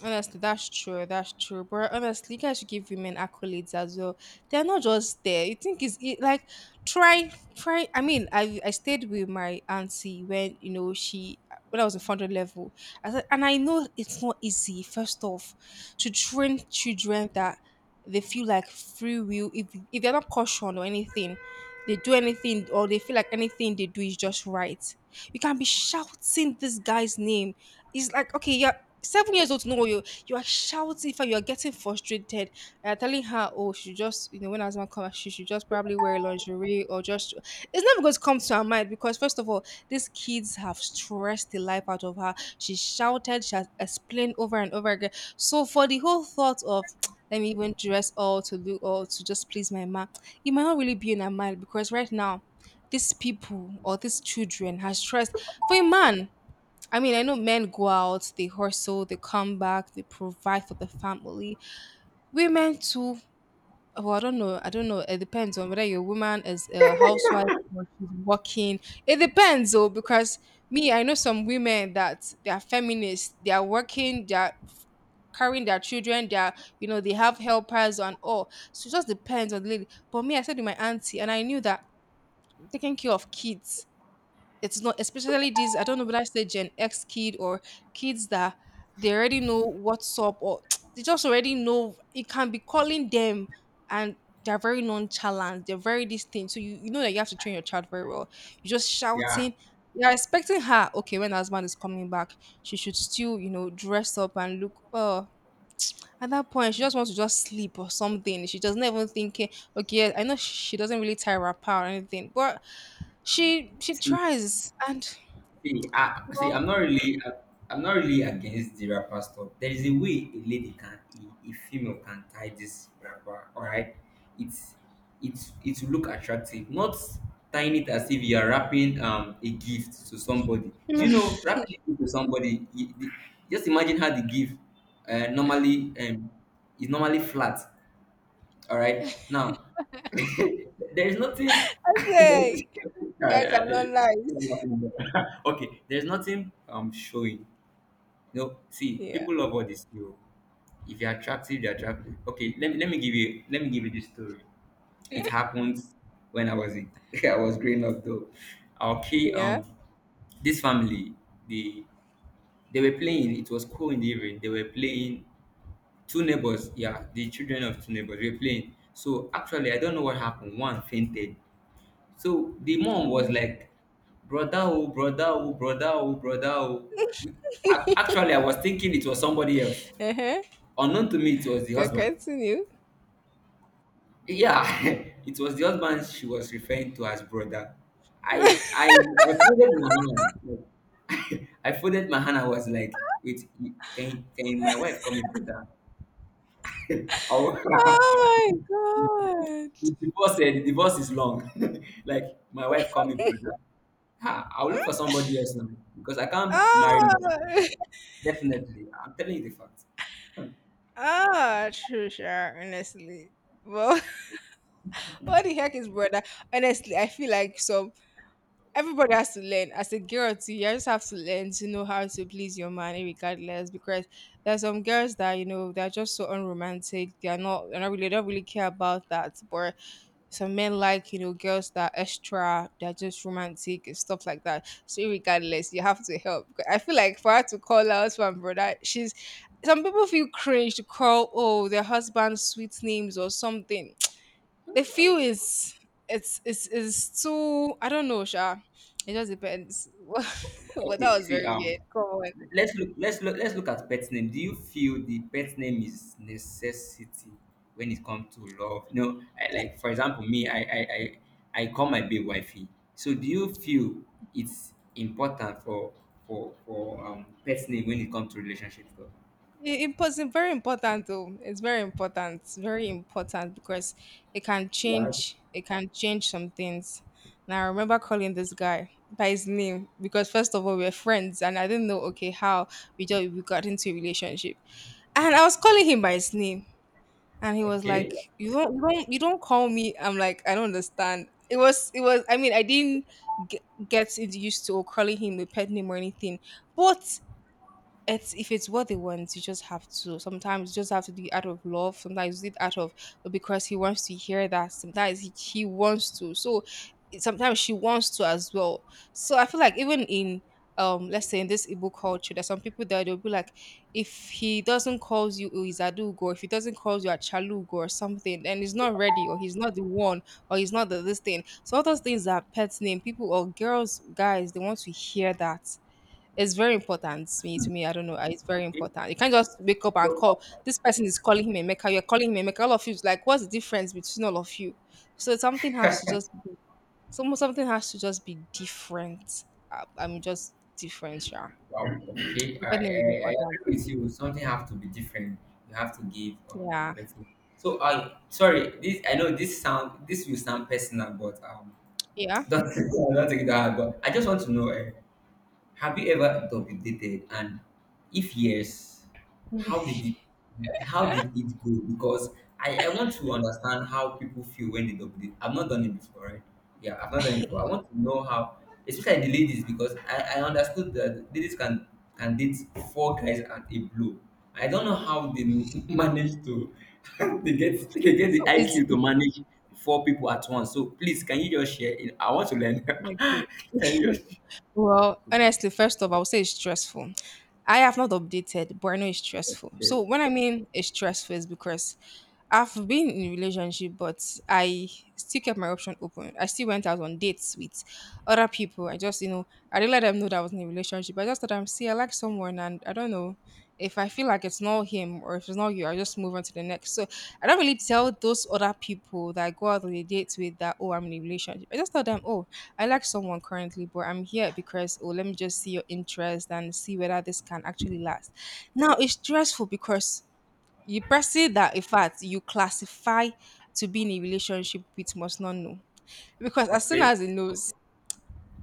[SPEAKER 1] Honestly, that's true. That's true. But honestly, you guys should give women accolades as well. They're not just there. You think it's it, like try, try. I mean, I stayed with my auntie when you know she when I was in founder level. I said, and I know it's not easy. First off, to train children that they feel like free will. If they're not cautioned or anything, they do anything or they feel like anything they do is just right. You can be shouting this guy's name. It's like, okay, yeah, 7 years old to know what you— you are shouting. For you are getting frustrated. You're telling her, oh, she just when asthma comes she should just probably wear lingerie or just— it's never going to come to her mind because first of all these kids have stressed the life out of her. She shouted, she has explained over and over again. So for the whole thought of let me even dress all, to do all to just please my mom, it might not really be in her mind because right now these people or these children has stressed. For a man, I mean, I know men go out, they hustle, they come back, they provide for the family. Women too. Well, I don't know. I don't know. It depends on whether your woman is a housewife or she's working. It depends, though, because me, I know some women that they are feminists. They are working. They are carrying their children. They are, they have helpers and all. So it just depends on the lady. But me, I said to my auntie, and I knew that taking care of kids, it's not, especially these— I don't know whether I say Gen X kid or kids that they already know what's up, or they just already know, it can be calling them and they're very nonchalant, they're very distinct. So you know that you have to train your child very well. You're just
[SPEAKER 2] Yeah.
[SPEAKER 1] shouting. You're expecting her, okay, when her husband is coming back she should still, dress up and look. Oh, at that point she just wants to just sleep or something. She doesn't even think. Eh, okay, I know she doesn't really tie her up or anything, but she tries. And
[SPEAKER 2] See, I see.
[SPEAKER 1] well,
[SPEAKER 2] I'm not really. I'm not really against the rapper stuff. There is a way a lady can, a female can tie this rapper. All right, it's it will look attractive. Not tying it as if you are wrapping a gift to somebody. Do you
[SPEAKER 1] I
[SPEAKER 2] know wrapping a gift to somebody? Just imagine how the gift normally is normally flat. All right, now there's nothing.
[SPEAKER 1] say, guys are not nice.
[SPEAKER 2] Okay, there's nothing showing. No, see,
[SPEAKER 1] Yeah.
[SPEAKER 2] people love all this. You, if you're attractive, they're attractive. Okay, let me give you this story. It happened when I was in, I was growing up though. Okay,
[SPEAKER 1] Yeah.
[SPEAKER 2] this family, the they were playing. It was cool in the evening. They were playing two neighbors. Yeah, the children of two neighbors were playing. So actually, I don't know what happened. One fainted, so the mom was
[SPEAKER 1] Mm.
[SPEAKER 2] like, brother, oh, brother, oh, brother, oh, brother, oh. We- Actually, I was thinking it was somebody else.
[SPEAKER 1] Uh-huh.
[SPEAKER 2] Unknown to me, it was the
[SPEAKER 1] Can
[SPEAKER 2] husband.
[SPEAKER 1] continue.
[SPEAKER 2] Yeah, it was the husband she was referring to as brother. I I I folded my hand. I folded my hand. I was like, wait, can my wife call me brother? I'll-
[SPEAKER 1] Oh
[SPEAKER 2] the
[SPEAKER 1] my
[SPEAKER 2] divorce, eh, the divorce is long. Like my wife called me
[SPEAKER 1] god.
[SPEAKER 2] brother. Ha, I'll look for somebody else now because I can't marry my
[SPEAKER 1] Ah,
[SPEAKER 2] sister. Definitely, I'm telling you the fact.
[SPEAKER 1] ah, true, sure, honestly. Well, what the heck is brother? Honestly, I feel like some— everybody has to learn. As a girl too, you just have to learn to know how to please your man regardless, because there's some girls that they're just so unromantic. They're not really, they don't really care about that. But some men like, girls that are extra, they're just romantic and stuff like that. So regardless, you have to help. I feel like for her to call out "one brother," she's— some people feel cringe to call, oh, their husband's sweet names or something. They feel is— it's too, I don't know sha. It just depends. But that
[SPEAKER 2] Okay,
[SPEAKER 1] was
[SPEAKER 2] see,
[SPEAKER 1] very weird, come on.
[SPEAKER 2] let's look at pet name. Do you feel the pet name is necessity when it comes to love? No, I, like for example, me, I call my babe wifey. So, do you feel it's important for pet name when it comes to relationship?
[SPEAKER 1] It was very important though. It's very important. It's very important because it can
[SPEAKER 2] One,
[SPEAKER 1] change it can change some things. Now I remember calling this guy by his name because first of all we were friends and I didn't know okay how— we just we got into a relationship. And I was calling him by his name and he was
[SPEAKER 2] okay.
[SPEAKER 1] like, "You don't, you don't call me." I'm like, I don't understand. It was I mean, I didn't get— get used to calling him a pet name or anything. But it's— if it's what they want, you just have to. Sometimes you just have to do it out of love. Sometimes you do it out of, oh, because he wants to hear that. Sometimes he wants to. So it— sometimes she wants to as well. So I feel like even in, um, let's say in this Igbo culture, there's some people that they'll be like, if he doesn't calls you Izadugo, if he doesn't calls you a Chalugo or something, then he's not ready or he's not the one or he's not the, this thing. So all those things are pet name. People or girls, guys, they want to hear that. It's very important to me. To me, I don't know. It's very
[SPEAKER 2] Okay.
[SPEAKER 1] important. You can't just wake up and
[SPEAKER 2] So,
[SPEAKER 1] call this person— is calling him Emeka, you're calling him Emeka. All of you is like, what's the difference between all of you? So something has to just be. Something has to just be different. I mean, just different. Yeah.
[SPEAKER 2] wow. Okay.
[SPEAKER 1] So pet name is
[SPEAKER 2] I
[SPEAKER 1] important.
[SPEAKER 2] agree with you. Something have to be different. You have to give
[SPEAKER 1] Yeah.
[SPEAKER 2] better. So I sorry. This I know this sound. This will sound personal, but
[SPEAKER 1] Yeah.
[SPEAKER 2] don't don't take it that hard. But I just want to know. Eh, have you ever double dated? And if yes, how did it how did it go? Because I want to understand how people feel when they double date. I've not done it before, right? Yeah, I've not done it before. I want to know how, especially the ladies, because I understood that ladies can date four guys at a blow. I don't know how they manage to they get the
[SPEAKER 1] So it's
[SPEAKER 2] IQ
[SPEAKER 1] it's
[SPEAKER 2] to manage four people at once. So please can you just share it? I want to learn.
[SPEAKER 1] okay.
[SPEAKER 2] Can you just
[SPEAKER 1] Well, honestly, first off, I would say it's stressful. I have not updated, but I know it's stressful.
[SPEAKER 2] share?
[SPEAKER 1] So when I mean it's stressful, is because I've been in a relationship, but I still kept my option open. I still went out on dates with other people. I just, you know, I didn't let them know that I was in a relationship. I just thought, I'm— see, I like someone, and I don't know if I feel like it's not him or if it's not you. I just move on to the next. So I don't really tell those other people that I go out on a date with that, oh, I'm in a relationship. I just tell them, oh, I like someone currently, but I'm here because, oh, let me just see your interest and see whether this can actually last. Now it's stressful because— you person that, in fact, you classify to be in a relationship with, must not know. Because as soon
[SPEAKER 2] Okay.
[SPEAKER 1] as he knows,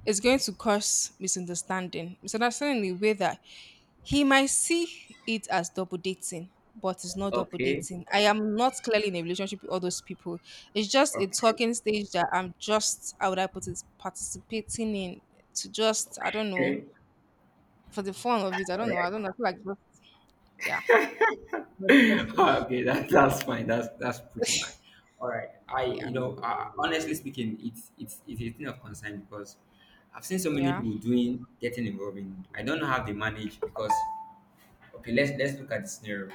[SPEAKER 1] it's going to cause misunderstanding. Misunderstanding in a way that he might see it as double dating, but it's not double
[SPEAKER 2] Okay,
[SPEAKER 1] dating. I am not clearly in a relationship with all those people. It's just a
[SPEAKER 2] okay,
[SPEAKER 1] talking stage that I'm just, how would I put it, participating in to just, I don't know,
[SPEAKER 2] okay.
[SPEAKER 1] for the fun of it. I
[SPEAKER 2] All
[SPEAKER 1] don't know.
[SPEAKER 2] right.
[SPEAKER 1] I don't know. I feel like, just— yeah. Just— just for—
[SPEAKER 2] Okay, that's fine. That's pretty fine. All right. I
[SPEAKER 1] Yeah.
[SPEAKER 2] you know, honestly speaking, it's a thing of concern because I've seen so many
[SPEAKER 1] Yeah.
[SPEAKER 2] people doing getting involved in. I don't know how they manage because okay, let's look at the scenario.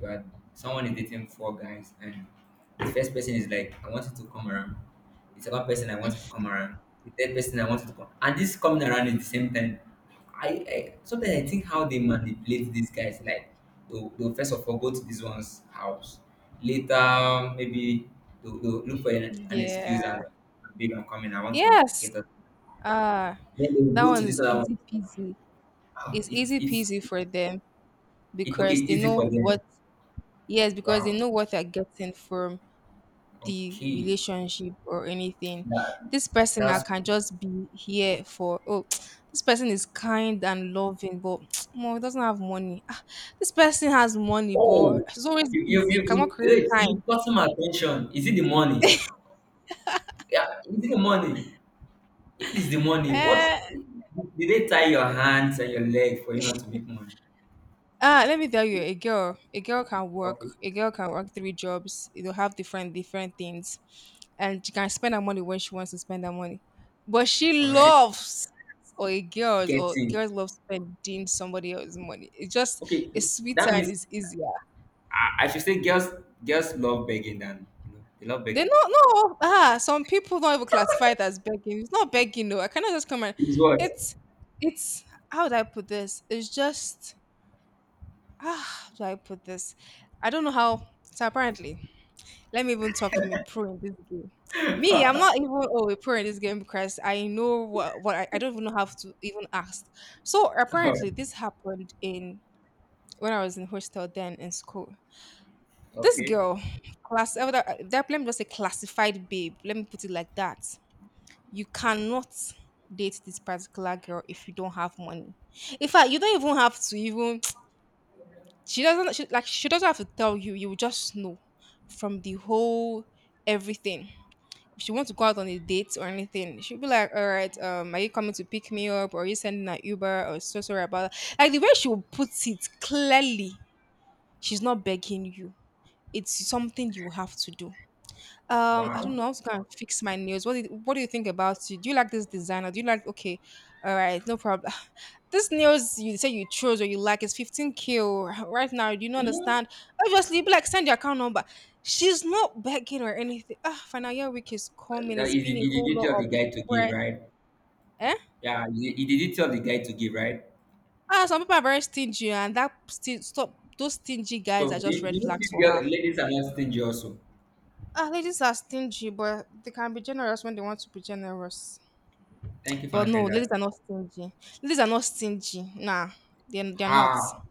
[SPEAKER 2] You are someone is dating four guys, and the first person is like, "I wanted to come around." The second person, "I wanted to come around." The third person, "I wanted to come," and this coming around at the same time. I sometimes I think how they manipulate these guys. Like they'll first of all go to this one's house. Later, maybe they'll look for an
[SPEAKER 1] Yeah.
[SPEAKER 2] excuse and like, "Babe, I'm coming. I want to
[SPEAKER 1] Yes.
[SPEAKER 2] get up."
[SPEAKER 1] Ah,
[SPEAKER 2] Then they will
[SPEAKER 1] that
[SPEAKER 2] go to
[SPEAKER 1] one
[SPEAKER 2] this
[SPEAKER 1] is
[SPEAKER 2] other one.
[SPEAKER 1] easy peasy.
[SPEAKER 2] Ah,
[SPEAKER 1] It's
[SPEAKER 2] it,
[SPEAKER 1] easy
[SPEAKER 2] it's
[SPEAKER 1] peasy
[SPEAKER 2] it,
[SPEAKER 1] for them
[SPEAKER 2] it okay.
[SPEAKER 1] because they
[SPEAKER 2] Easy for
[SPEAKER 1] know
[SPEAKER 2] them.
[SPEAKER 1] what— yes, because they
[SPEAKER 2] Wow.
[SPEAKER 1] know what they're getting from the
[SPEAKER 2] Okay.
[SPEAKER 1] relationship or anything.
[SPEAKER 2] That,
[SPEAKER 1] This person I
[SPEAKER 2] that's
[SPEAKER 1] can just be here for, oh, this person is kind and loving, but more doesn't have money. Ah, this person has money, but
[SPEAKER 2] oh
[SPEAKER 1] he's always busy, cannot create
[SPEAKER 2] wait, you
[SPEAKER 1] time.
[SPEAKER 2] got some attention. Is it the money? Yeah, is it the money? If it's the money, what
[SPEAKER 1] Eh.
[SPEAKER 2] did they tie your hands and your leg for you not to make money?
[SPEAKER 1] Ah, let me tell you, a girl can work.
[SPEAKER 2] Okay,
[SPEAKER 1] A girl can work three jobs. It'll have different different things, and she can spend her money when she wants to spend her money. But she
[SPEAKER 2] all right.
[SPEAKER 1] loves— or a girls, or
[SPEAKER 2] Getting
[SPEAKER 1] girls love spending somebody else's money. It's just—
[SPEAKER 2] okay.
[SPEAKER 1] it's sweeter
[SPEAKER 2] That
[SPEAKER 1] and
[SPEAKER 2] means
[SPEAKER 1] it's easier.
[SPEAKER 2] I should say girls, girls love begging than, you know, they love
[SPEAKER 1] They
[SPEAKER 2] begging.
[SPEAKER 1] not, no. Ah, some people don't even classify it as begging. It's not begging though. I cannot just come and—
[SPEAKER 2] It's what?
[SPEAKER 1] it's it's how do I put this? It's just— ah. How do I put this? I don't know how. So apparently— let me even talk from a pro in this game. Me, I'm not even, oh, a pro in this game because I know what— what I— I don't even have to even ask. So
[SPEAKER 2] All right.
[SPEAKER 1] apparently this happened in— when I was in hostel then in school. This
[SPEAKER 2] Okay.
[SPEAKER 1] girl, class, that, that, let me just say classified babe. Let me put it like that. You cannot date this particular girl if you don't have money. In fact, you don't even have to even— she doesn't— she, like, she doesn't have to tell you. You will just know from the whole everything. If she wants to go out on a date or anything, she'll be like, "All right, are you coming to pick me up, or are you sending an Uber, or so sorry about that." Like, the way she will put it clearly, she's not begging you. It's something you have to do. I don't
[SPEAKER 2] Wow.
[SPEAKER 1] know. I was gonna fix my nails. What do you— what do you think about you? Do you like this designer? Do you like— okay, all right, no problem. This nails you say you chose or you like is 15k right now. Do you not
[SPEAKER 2] Mm,
[SPEAKER 1] understand? Obviously, be like, send your account number. She's not begging or anything. Ah, final year week is coming.
[SPEAKER 2] that
[SPEAKER 1] It's
[SPEAKER 2] is it,
[SPEAKER 1] been a
[SPEAKER 2] you the
[SPEAKER 1] whole
[SPEAKER 2] duty
[SPEAKER 1] lot of
[SPEAKER 2] the guy to give,
[SPEAKER 1] stress.
[SPEAKER 2] right?
[SPEAKER 1] Eh?
[SPEAKER 2] Yeah, he did tell the guy to give, right?
[SPEAKER 1] Ah, some people are very stingy, and that sti— stop, those stingy
[SPEAKER 2] So
[SPEAKER 1] guys are
[SPEAKER 2] do,
[SPEAKER 1] just
[SPEAKER 2] do
[SPEAKER 1] red
[SPEAKER 2] you
[SPEAKER 1] flags
[SPEAKER 2] think
[SPEAKER 1] for her.
[SPEAKER 2] ladies are not stingy also?
[SPEAKER 1] Ah, ladies are stingy, but they can be generous when they want to be generous.
[SPEAKER 2] Thank you for
[SPEAKER 1] But no,
[SPEAKER 2] answering
[SPEAKER 1] ladies
[SPEAKER 2] that.
[SPEAKER 1] are not stingy. Ladies are not stingy. Nah, they're not.
[SPEAKER 2] Ah,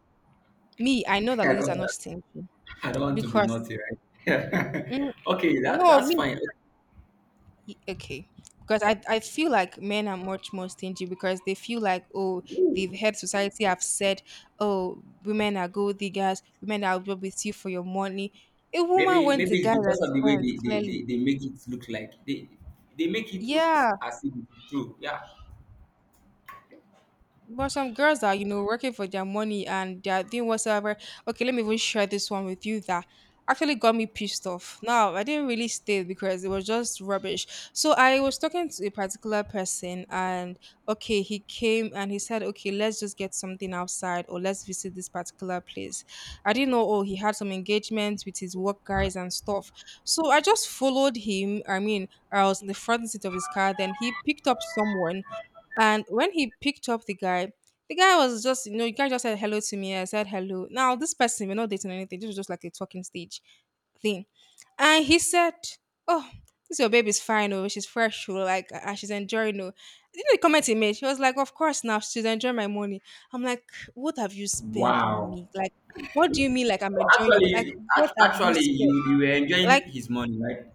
[SPEAKER 1] Me, I know that
[SPEAKER 2] I
[SPEAKER 1] ladies are
[SPEAKER 2] don't,
[SPEAKER 1] not stingy
[SPEAKER 2] I don't want to be
[SPEAKER 1] because—
[SPEAKER 2] naughty, right?
[SPEAKER 1] mm,
[SPEAKER 2] Okay,
[SPEAKER 1] no,
[SPEAKER 2] that's
[SPEAKER 1] me,
[SPEAKER 2] fine.
[SPEAKER 1] okay. Because I feel like men are much more stingy because they feel like, oh, they've heard— society have said, oh, women are gold diggers, women are up with you for your money. A woman wants
[SPEAKER 2] Maybe
[SPEAKER 1] a guy
[SPEAKER 2] it's
[SPEAKER 1] that
[SPEAKER 2] because of the way
[SPEAKER 1] spends, clearly.
[SPEAKER 2] they make it look like they make it look
[SPEAKER 1] Yeah,
[SPEAKER 2] as if it's true. Yeah.
[SPEAKER 1] but some girls are working for their money and they are doing whatsoever. Okay, let me even share this one with you that actually got me pissed off. Now, I didn't really stay because it was just rubbish. So I was talking to a particular person and okay, he came and he said, okay, let's just get something outside or let's visit this particular place. I didn't know, oh, he had some engagements with his work guys and stuff. So I just followed him. I mean, I was in the front seat of his car. Then he picked up someone and when he picked up the guy was just, you know, the guy just said hello to me. I said hello. Now, this person, we're not dating or anything. This was just like a talking stage thing. And he said, oh, this your baby's fine. Oh, she's fresh. Oh, like, she's enjoying. Oh, the comment he made, he was like, of course, now she's enjoying my money. I'm like, what have you spent on
[SPEAKER 2] Wow.
[SPEAKER 1] me? Like, what do you mean? Like, I'm enjoying your
[SPEAKER 2] Actually,
[SPEAKER 1] money? Like, what have you
[SPEAKER 2] actually,
[SPEAKER 1] spent?
[SPEAKER 2] you were enjoying
[SPEAKER 1] Like,
[SPEAKER 2] his money, right?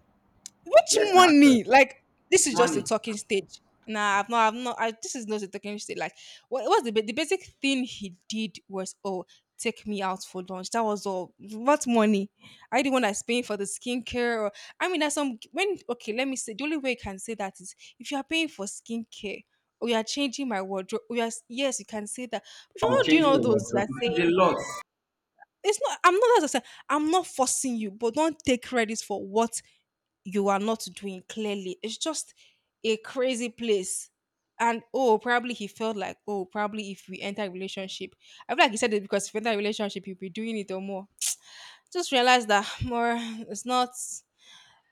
[SPEAKER 2] Yes,
[SPEAKER 1] which
[SPEAKER 2] now actually,
[SPEAKER 1] money? Like, this
[SPEAKER 2] his
[SPEAKER 1] is just a
[SPEAKER 2] money.
[SPEAKER 1] talking stage. Nah, I've not. This is not a talking stage. Like, what was the basic thing he did was, oh, take me out for lunch. That was all. What money? Are you the one that's paying for the skincare? Or I mean, that's some when. Okay, let me say. The only way you can say that is if you are paying for skincare or you are changing my wardrobe. Or you are, yes, you can say that. If
[SPEAKER 2] Wow,
[SPEAKER 1] you're not doing
[SPEAKER 2] changing
[SPEAKER 1] all
[SPEAKER 2] your
[SPEAKER 1] those, you
[SPEAKER 2] wardrobe.
[SPEAKER 1] are
[SPEAKER 2] It's a
[SPEAKER 1] saying
[SPEAKER 2] lot.
[SPEAKER 1] it's not. I'm not. As I said, I'm not forcing you, but don't take credit for what you are not doing clearly. It's just a crazy place. And oh, probably he felt like, oh, probably if we enter a relationship, I feel like he said it because if you enter a relationship, you'll be doing it or more. Just realize that more it's not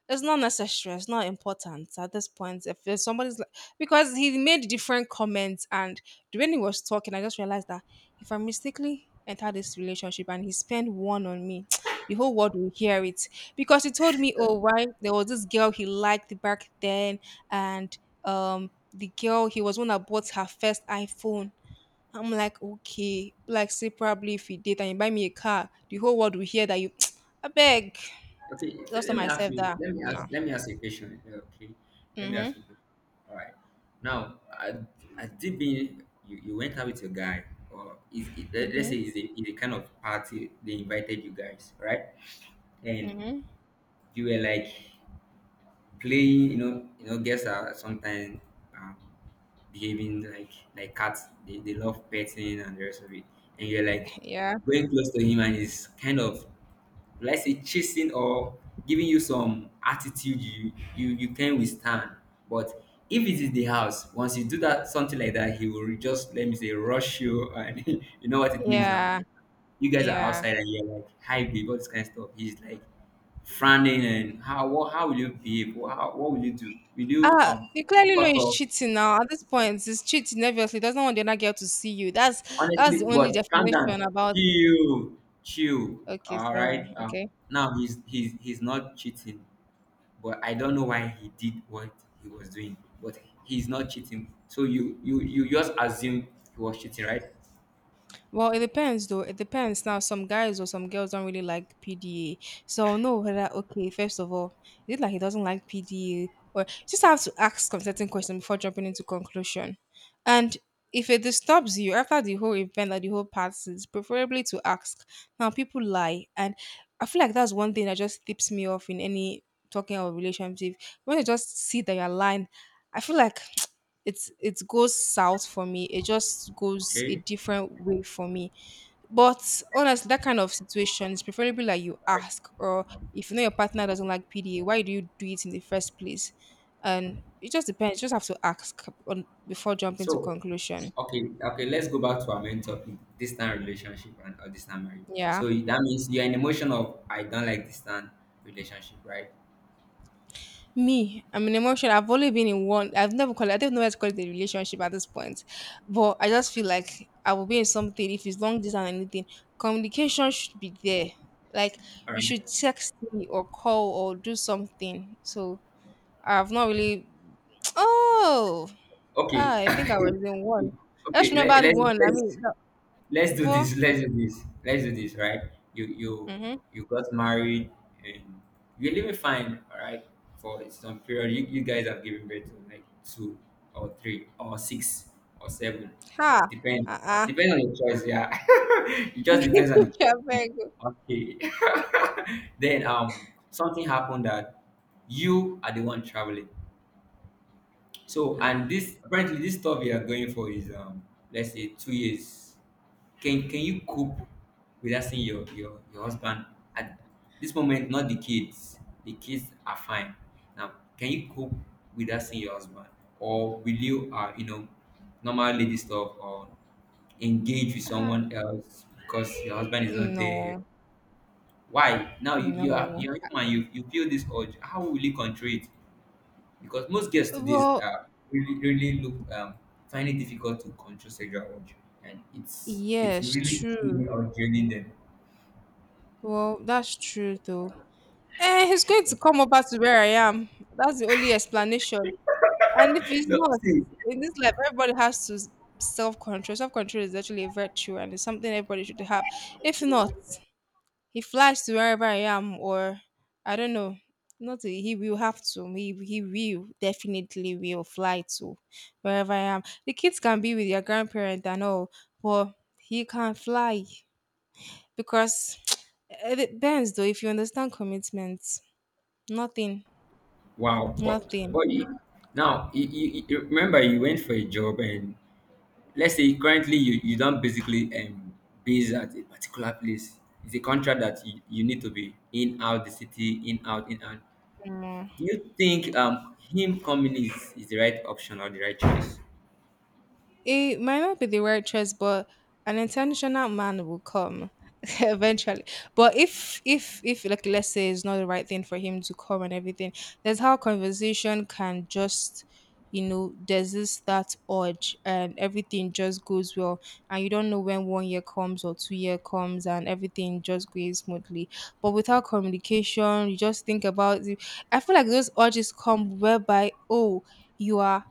[SPEAKER 1] it's not necessary. It's not important at this point. If there's somebody's like, because he made different comments, and when he was talking, I just realized that if I mistakenly enter this relationship and he spent one on me, the whole world will hear it. Because he told me, oh, why there was this girl he liked back then, and the girl he was the one that bought her first iPhone. I'm like, okay, like say probably if he did and you buy me a car, the whole world will hear that you. I beg.
[SPEAKER 2] Okay, so
[SPEAKER 1] Just to
[SPEAKER 2] let me ask
[SPEAKER 1] myself
[SPEAKER 2] you.
[SPEAKER 1] that.
[SPEAKER 2] Let me ask.
[SPEAKER 1] No.
[SPEAKER 2] Let me ask a question here. Okay, let me ask
[SPEAKER 1] Mhm,
[SPEAKER 2] you. All right. Now, I did being you, you went out with a guy, or is it, let's say
[SPEAKER 1] mhm,
[SPEAKER 2] it's a kind of party they invited you guys, right? And
[SPEAKER 1] mhm.
[SPEAKER 2] you were like playing. You know, girls are sometimes um, behaving like cats. They love petting and the rest of it. And you're like
[SPEAKER 1] Yeah,
[SPEAKER 2] going close to him, and he's kind of, let's say, chasing or giving you some attitude you can withstand. But if it is the house, once you do that something like that, he will just let me say rush you, and you know what it means now.
[SPEAKER 1] yeah,
[SPEAKER 2] You guys are
[SPEAKER 1] yeah.
[SPEAKER 2] outside and you're like hi babe, all this kind of stuff. He's like frowning and how will you behave? What will you do? Will you
[SPEAKER 1] Ah, you clearly know
[SPEAKER 2] cut
[SPEAKER 1] he's
[SPEAKER 2] off?
[SPEAKER 1] cheating now. At this point, he's cheating obviously. He doesn't want the other girl to see you. That's
[SPEAKER 2] Honestly,
[SPEAKER 1] the only
[SPEAKER 2] but calm
[SPEAKER 1] definition
[SPEAKER 2] down,
[SPEAKER 1] about it.
[SPEAKER 2] chill, chill.
[SPEAKER 1] Okay,
[SPEAKER 2] All right.
[SPEAKER 1] sorry. Okay.
[SPEAKER 2] Now he's not cheating, but I don't know why he did what he was doing. But he's not cheating. So you just assume he was cheating, right?
[SPEAKER 1] Well, it depends though. It depends. Now, some guys or some girls don't really like PDA. So I'll know whether okay, first of all, is it like he doesn't like PDA? Or just have to ask some certain questions before jumping into conclusion. And if it disturbs you after the whole event or the whole passes, preferably to ask. Now people lie and I feel like that's one thing that just tips me off in any talking or relationship. When you just see that you're lying, I feel like it goes south for me. It just goes a
[SPEAKER 2] Okay.
[SPEAKER 1] different way for me. But honestly, that kind of situation is preferably like you ask. Or if you know your partner doesn't like PDA, why do you do it in the first place? And it just depends. You just have to ask on, before jumping to
[SPEAKER 2] So
[SPEAKER 1] conclusion.
[SPEAKER 2] okay, okay, let's go back to our main topic, distant relationship and or distant marriage.
[SPEAKER 1] Yeah.
[SPEAKER 2] So that means you're in emotion of I don't like distant relationship, right?
[SPEAKER 1] Me, I'm in emotion. I've only been in one. I've never called. I don't know where to call it a relationship at this point, but I just feel like I will be in something if it's long distance or anything. Communication should be there. Like,
[SPEAKER 2] All
[SPEAKER 1] you
[SPEAKER 2] right.
[SPEAKER 1] should text me or call or do something. So I've not really. Oh,
[SPEAKER 2] Okay.
[SPEAKER 1] I think I
[SPEAKER 2] okay.
[SPEAKER 1] was in one. I
[SPEAKER 2] Okay.
[SPEAKER 1] just
[SPEAKER 2] Let,
[SPEAKER 1] remember the
[SPEAKER 2] let's
[SPEAKER 1] one. I
[SPEAKER 2] let's
[SPEAKER 1] mean,
[SPEAKER 2] let's do
[SPEAKER 1] four.
[SPEAKER 2] this. Let's do this. Let's do this. Right? You you
[SPEAKER 1] Mm-hmm.
[SPEAKER 2] you got married and you're living fine. All right. For some period, you guys have given birth to like two or three or six or seven. No,
[SPEAKER 1] Ha.
[SPEAKER 2] depend
[SPEAKER 1] Uh-uh.
[SPEAKER 2] depend on your choice. Yeah. it just depends on the choice.
[SPEAKER 1] Yeah, very good.
[SPEAKER 2] Okay. then something happened that you are the one traveling. So
[SPEAKER 1] Ah,
[SPEAKER 2] and this apparently this stuff you are going for is let's say 2 years. Can you cope without seeing your your husband at this moment? Not the kids. The kids are fine. Now can you cope without seeing your husband, or will you you know normal lady stuff, or engage with
[SPEAKER 1] ah.
[SPEAKER 2] someone else because your husband is not there?
[SPEAKER 1] No,
[SPEAKER 2] Why now
[SPEAKER 1] no.
[SPEAKER 2] you're human. You feel this urge. How will you control it? Because most girls today
[SPEAKER 1] Well,
[SPEAKER 2] really look find it difficult to control sexual urge, and it's
[SPEAKER 1] yes,
[SPEAKER 2] really
[SPEAKER 1] true.
[SPEAKER 2] killing or draining them.
[SPEAKER 1] Well, that's true though. Eh, he's going to come over to where I am. That's the only explanation. And if it's
[SPEAKER 2] No,
[SPEAKER 1] not,
[SPEAKER 2] see,
[SPEAKER 1] in this life, everybody has to self control. Self control is actually a virtue and it's something everybody should have. If not, he flies to wherever I am, or I don't know. Not he will have to. He will definitely will fly to wherever I am. The kids can be with their grandparent and all, but he can't fly because it depends though if you understand commitment. Nothing.
[SPEAKER 2] wow,
[SPEAKER 1] Nothing.
[SPEAKER 2] now you remember you went for a job and let's say currently you don't basically base at a particular place. It's a contract that you need to be in out the city, in out in out.
[SPEAKER 1] No.
[SPEAKER 2] Do you think him coming is the right option or the right choice?
[SPEAKER 1] It might not be the right choice, but an intentional man will come eventually. But if like let's say it's not the right thing for him to come and everything, that's how conversation can just there's this that urge and everything just goes well and you don't know when one year comes or 2 year comes and everything just goes smoothly. But without communication, you just think about it. I feel like those urges come whereby, oh, you are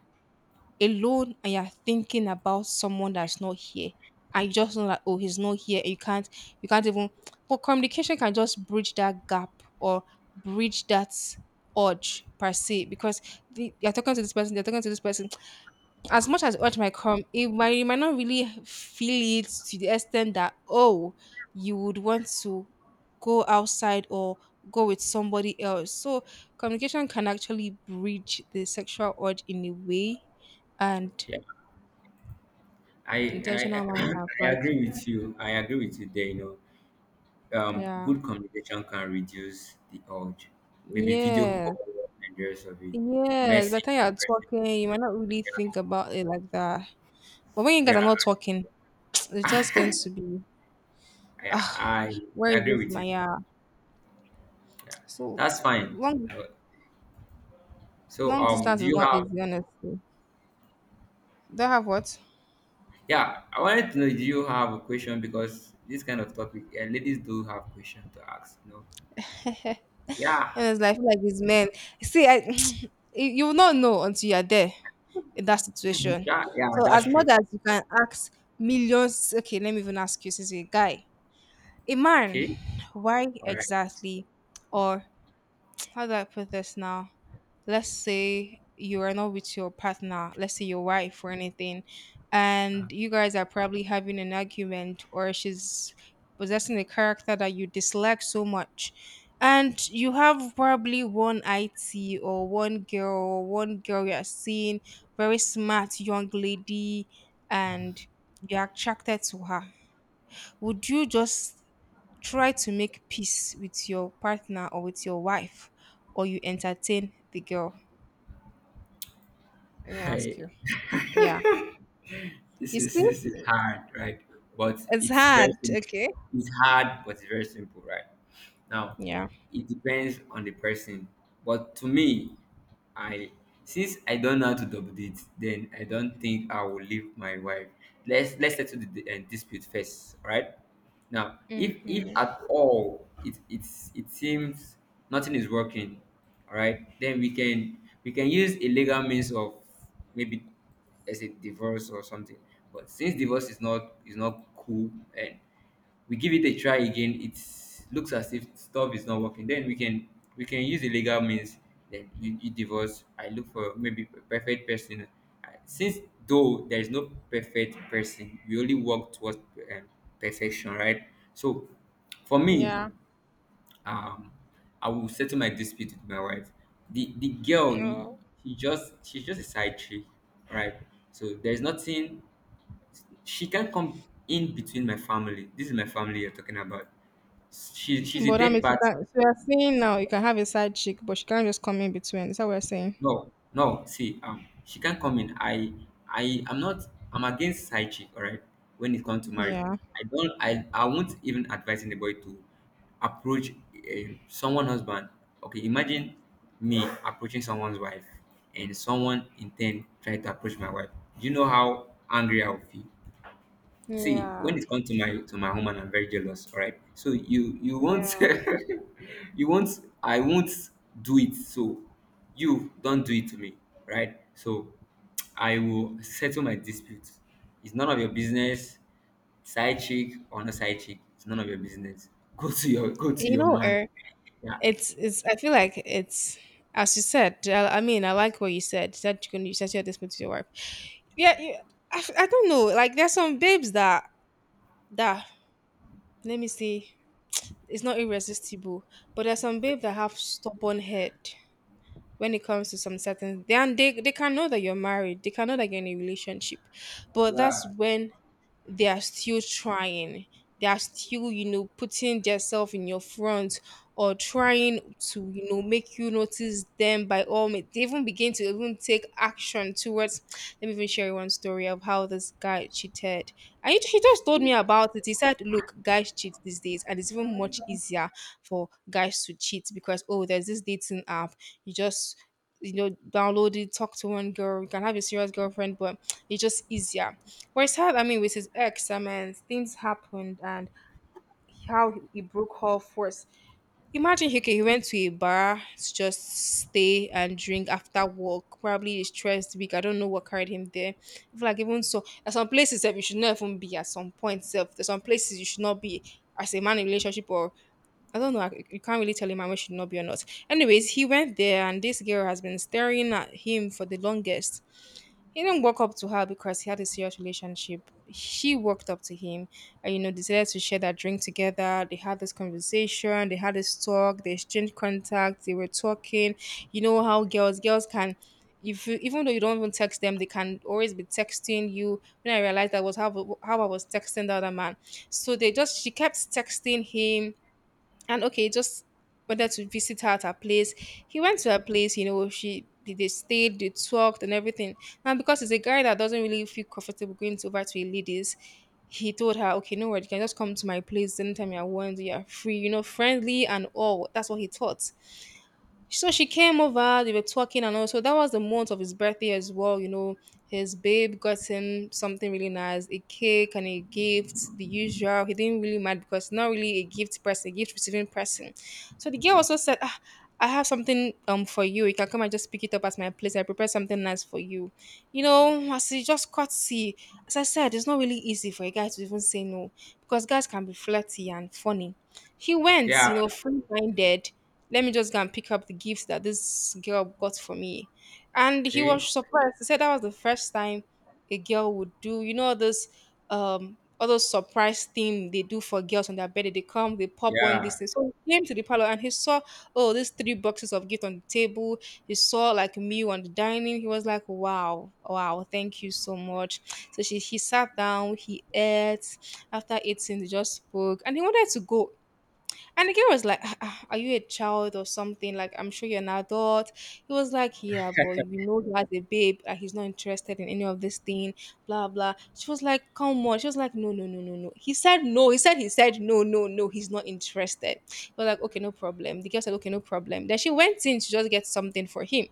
[SPEAKER 1] alone and you're thinking about someone that's not here and you just know that oh he's not here and you can't even but communication can just bridge that gap or bridge that urge per se because you're talking to this person you're talking to this person as much as urge might come, it might you might not really feel it to the extent that oh, you would want to go outside or go with somebody else. So communication can actually bridge the sexual urge in a way, and
[SPEAKER 2] Yeah. I
[SPEAKER 1] intentional
[SPEAKER 2] I
[SPEAKER 1] man can
[SPEAKER 2] I
[SPEAKER 1] fly to
[SPEAKER 2] agree
[SPEAKER 1] you.
[SPEAKER 2] with you. I agree with you there. You know,
[SPEAKER 1] Yeah.
[SPEAKER 2] good communication can reduce the urge. Maybe video
[SPEAKER 1] Yes,
[SPEAKER 2] call and the rest of it.
[SPEAKER 1] yes, by the
[SPEAKER 2] Message.
[SPEAKER 1] time
[SPEAKER 2] In
[SPEAKER 1] you're
[SPEAKER 2] person.
[SPEAKER 1] talking, you might not really think about it like that. But when you guys are
[SPEAKER 2] Yeah,
[SPEAKER 1] not talking, it's just going to be,
[SPEAKER 2] yeah.
[SPEAKER 1] ah, where
[SPEAKER 2] I
[SPEAKER 1] is
[SPEAKER 2] agree
[SPEAKER 1] this
[SPEAKER 2] with you.
[SPEAKER 1] Maya?
[SPEAKER 2] Yeah, that's
[SPEAKER 1] So
[SPEAKER 2] fine.
[SPEAKER 1] long
[SPEAKER 2] Uh, So,
[SPEAKER 1] Long distance
[SPEAKER 2] do
[SPEAKER 1] is
[SPEAKER 2] you
[SPEAKER 1] not
[SPEAKER 2] have?
[SPEAKER 1] easy, honestly. Do I have what?
[SPEAKER 2] Yeah, I wanted to know. Do you have a question? Because this kind of topic, yeah, ladies do have question to ask. You know. Yeah.
[SPEAKER 1] Honestly, I feel like these men. See, I you will not know until you are there in that situation.
[SPEAKER 2] Yeah. Yeah.
[SPEAKER 1] So as
[SPEAKER 2] That's
[SPEAKER 1] much
[SPEAKER 2] true.
[SPEAKER 1] as you can ask millions, okay, let me even ask you, since you're a guy, a man,
[SPEAKER 2] Okay.
[SPEAKER 1] why
[SPEAKER 2] All
[SPEAKER 1] exactly, or how do I put this now? Let's say you are not with your partner, let's say your wife or anything, and you guys are probably having an argument, or she's possessing a character that you dislike so much. And you have probably one IT or one girl you are seeing, very smart young lady, and you're attracted to her. Would you just try to make peace with your partner or with your wife, or you entertain the girl? Let me ask
[SPEAKER 2] right.
[SPEAKER 1] you. Yeah.
[SPEAKER 2] This
[SPEAKER 1] You
[SPEAKER 2] is
[SPEAKER 1] see?
[SPEAKER 2] this is hard, right? But
[SPEAKER 1] It's
[SPEAKER 2] it's very
[SPEAKER 1] hard.
[SPEAKER 2] simple.
[SPEAKER 1] Okay.
[SPEAKER 2] It's hard, but it's very simple, right? Now,
[SPEAKER 1] Yeah.
[SPEAKER 2] it depends on the person. But to me, I since I don't know how to double date, then I don't think I will leave my wife. Let's settle the, dispute first, right? Now, if
[SPEAKER 1] Hmm.
[SPEAKER 2] at all it it seems nothing is working, all right, then we can use a legal means of maybe as a divorce or something. But since divorce is not cool, and we give it a try again, it looks as if stuff is not working. Then we can use the legal means. Then you divorce. I look for maybe a perfect person, since though there is no perfect person, we only work towards um, perfection, right? So for me,
[SPEAKER 1] Yeah.
[SPEAKER 2] um I will settle my dispute with my wife. The girl
[SPEAKER 1] No.
[SPEAKER 2] she just, she's just a side chick, right? So there's nothing, she can't come in between my family. This is my family you're talking about. She's a
[SPEAKER 1] But that
[SPEAKER 2] third
[SPEAKER 1] means you
[SPEAKER 2] party.
[SPEAKER 1] can so you're saying now you can have a side chick, but she can't just come in between. Is that what you're saying?
[SPEAKER 2] No, no. See, she can't come in. I'm not. I'm against side chick. All right, when it comes to marriage,
[SPEAKER 1] Yeah.
[SPEAKER 2] I don't. I won't even advise anybody to approach someone husband. Okay, imagine me approaching someone's wife, and someone in turn try to approach my wife. Do you know how angry I will feel? See, when
[SPEAKER 1] Yeah.
[SPEAKER 2] it comes to my woman, I'm very jealous. All right, so you won't
[SPEAKER 1] Yeah.
[SPEAKER 2] you won't, I won't do it. So you don't do it to me, right? So I will settle my dispute. It's none of your business, side chick or not side chick. It's none of your business. Go to your go to
[SPEAKER 1] You
[SPEAKER 2] your
[SPEAKER 1] know,
[SPEAKER 2] man.
[SPEAKER 1] uh,
[SPEAKER 2] Yeah,
[SPEAKER 1] it's I feel like it's as you said, I mean, I like what you said. You said you said you had this with your wife. Yeah, I don't know. Like, there's some babes that that let me see. It's not irresistible, but there's some babe that have stubborn head. When it comes to some certain, then they can know that you're married, they can know that you're in a relationship. But that's when they are still trying, they are still putting themselves in your front, or trying to make you notice them by all means. They even begin to even take action towards. Let me even share you one story of how this guy cheated, and he just told me about it. He said, look, guys cheat these days and it's even much easier for guys to cheat because oh there's this dating app. You just download it, talk to one girl, you can have a serious girlfriend, but it's just easier. Well, it's hard. I mean, with his ex, I mean, things happened and how he broke off was. Imagine, okay, he went to a bar to just stay and drink after work. Probably a stressed week. I don't know what carried him there. I feel like even so, at some places, sef, you should not even be at some point, self. There's some places you should not be as a man in relationship or I don't know. I- You can't really tell him man we should not be or not. Anyways, he went there and this girl has been staring at him for the longest. He didn't walk up to her because he had a serious relationship. She walked up to him and, you know, decided to share that drink together. They had this conversation, they had this talk, they exchanged contacts, they were talking. You know how girls can, if you, even though you don't even text them, they can always be texting you. When I realized that was how I was texting the other man. So they just, she kept texting him and okay, just wanted to visit her at her place. He went to her place, you know, she they stayed, they talked and everything. And because he's a guy that doesn't really feel comfortable going to over to a ladies, he told her, "Okay, no worry, you can just come to my place anytime you want, you are free, you know, friendly and all." That's what he thought, so she came over, they were talking and all. So that was the month of his birthday as well, you know. His babe got him something really nice, a cake and a gift, the usual. He didn't really mind because not really a gift person, a gift receiving person. So the girl also said, "Ah, I have something for you. You can come and just pick it up at my place. I prepared something nice for you." You know, as he just courtesy, as I said, it's not really easy for a guy to even say no because guys can be flirty and funny. He went,
[SPEAKER 2] yeah,
[SPEAKER 1] you know, free minded. "Let me just go and pick up the gifts that this girl got for me." And he
[SPEAKER 2] okay,
[SPEAKER 1] was surprised. He said that was the first time a girl would do, you know, this all those surprise thing they do for girls on their birthday. They come, they pop one
[SPEAKER 2] yeah,
[SPEAKER 1] this thing. So he came to the parlor and he saw, oh, these three boxes of gift on the table. He saw like a meal on the dining. He was like, "Wow, wow, thank you so much." So she he sat down, he ate. After eating, they just spoke, and he wanted to go, and the girl was like, "Ah, ah, are you a child or something? Like, I'm sure you're an adult." He was like, "Yeah, but you know he has a babe." Like, he's not interested in any of this thing, blah, blah. She was like, "Come on." She was like, "No, no, no, no, no." He said, "No." He said, "No, no, no." He's not interested. He was like, "Okay, no problem." The girl said, "Okay, no problem." Then she went in to just get something for him.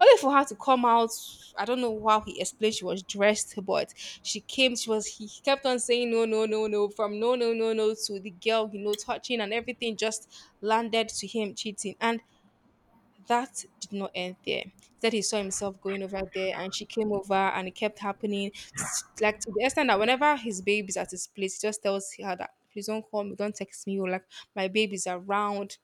[SPEAKER 1] Only for her to come out. I don't know how he explained she was dressed, but she came. She was. He kept on saying, "No, no, no, no." From no, no, no, no to the girl, you know, touching and everything just landed to him cheating, and that did not end there. That he saw himself going over there, and she came over, and it kept happening. Like to the extent that whenever his baby's at his place, he just tells her that, "Please don't call me, don't text me, or like my baby's around."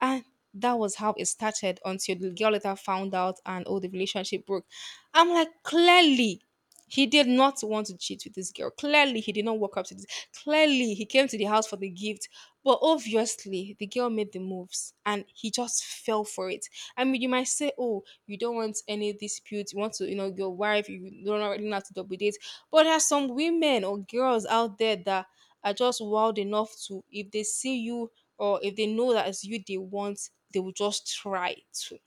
[SPEAKER 1] And that was how it started until the girl later found out and oh, the relationship broke. I'm like, clearly, he did not want to cheat with this girl. Clearly, he did not walk up to this. Clearly, he came to the house for the gift. But obviously, the girl made the moves and he just fell for it. I mean, you might say, oh, you don't want any dispute. You want to, you know, your wife, you don't already know how to double date. But there are some women or girls out there that are just wild enough to, if they see you or if they know that it's you they want, they will just try to.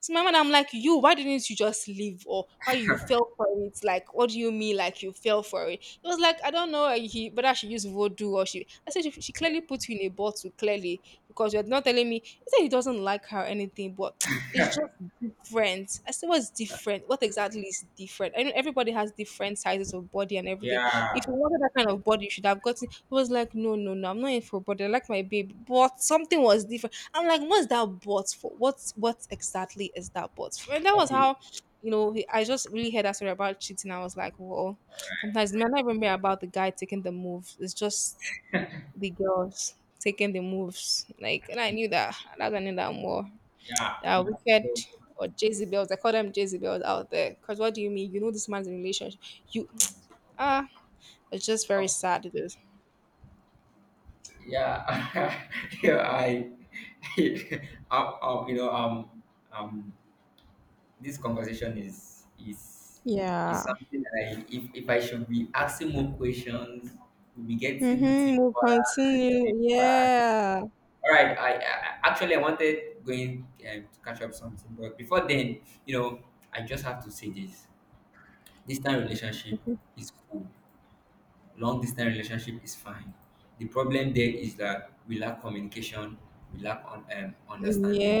[SPEAKER 1] So my mother, I'm like, "You, why didn't you just leave? Or why you fell for it? Like, what do you mean, like you fell for it?" It was like, "I don't know eh, he, whether she used voodoo or she." I said, She clearly put you in a bottle, clearly, because you're not telling me." He said he doesn't like her or anything, but it's just different. I said, "What's different? What exactly is different? I know everybody has different sizes of body and everything. If you
[SPEAKER 2] yeah,
[SPEAKER 1] wanted that kind of body, you should have gotten." He was like, "No, no, no, I'm not in for body. I like my baby. But something was different." I'm like, "What's that bot for? What's what exactly is that bot for?" And that was
[SPEAKER 2] okay.
[SPEAKER 1] how, you know, I just really heard that story about cheating. I was like, well, sometimes it might not even be about the guy taking the moves. It's just the girls taking the moves. Like, and I knew
[SPEAKER 2] It's
[SPEAKER 1] that. That's I knew that more.
[SPEAKER 2] yeah, it's
[SPEAKER 1] Wicked or Jezebels. I call them Jezebels out there. Cause what do you mean? You know this man's in a relationship. You ah, it's just very
[SPEAKER 2] okay.
[SPEAKER 1] sad. It is.
[SPEAKER 2] Yeah, yeah, I, you know, um, this conversation is
[SPEAKER 1] Yeah.
[SPEAKER 2] something that I, if I should be asking more questions, we'll be getting
[SPEAKER 1] Mm-hmm. We'll
[SPEAKER 2] deeper and
[SPEAKER 1] continue.
[SPEAKER 2] deeper.
[SPEAKER 1] Yeah.
[SPEAKER 2] All right, I actually I wanted going to catch up something, but before then, you know, I just have to say this: this time relationship is cool. Long distance relationship is fine. The problem there is that we lack communication, we lack on understanding.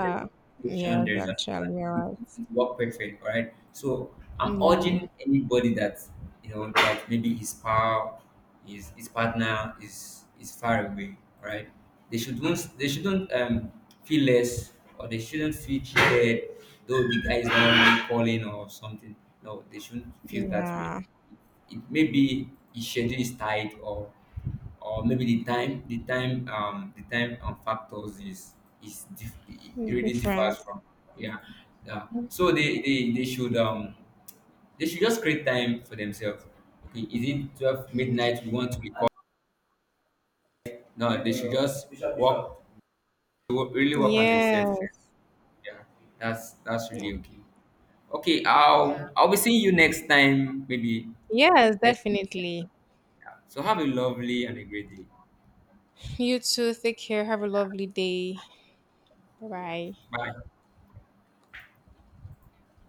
[SPEAKER 2] There's communication,
[SPEAKER 1] Yes,
[SPEAKER 2] there's
[SPEAKER 1] actually,
[SPEAKER 2] understanding.
[SPEAKER 1] you're
[SPEAKER 2] It,
[SPEAKER 1] right.
[SPEAKER 2] it worked perfect, all right? So I'm
[SPEAKER 1] Yeah.
[SPEAKER 2] urging anybody that you know that maybe his pal, his partner is far away, all right? They shouldn't feel less, or they shouldn't feel cheated, though the guy is not really calling or something. No, they shouldn't feel that way.
[SPEAKER 1] Yeah.
[SPEAKER 2] It, maybe his schedule is tight, or maybe the time the time factors is it
[SPEAKER 1] It's
[SPEAKER 2] really differs
[SPEAKER 1] different.
[SPEAKER 2] from, yeah, yeah. So they should just create time for themselves. Okay, is it 12 midnight we want to record? No, they should just work, really work on themselves.
[SPEAKER 1] Yes.
[SPEAKER 2] Yeah, that's
[SPEAKER 1] Yeah.
[SPEAKER 2] really okay. Okay,
[SPEAKER 1] Yeah.
[SPEAKER 2] I'll be seeing you next time, maybe
[SPEAKER 1] Yes,
[SPEAKER 2] next week. Yeah.
[SPEAKER 1] definitely.
[SPEAKER 2] Yeah. So have a lovely and a great day.
[SPEAKER 1] You too. Take care. Have a lovely day.
[SPEAKER 2] Yeah.
[SPEAKER 1] Bye.
[SPEAKER 2] Bye.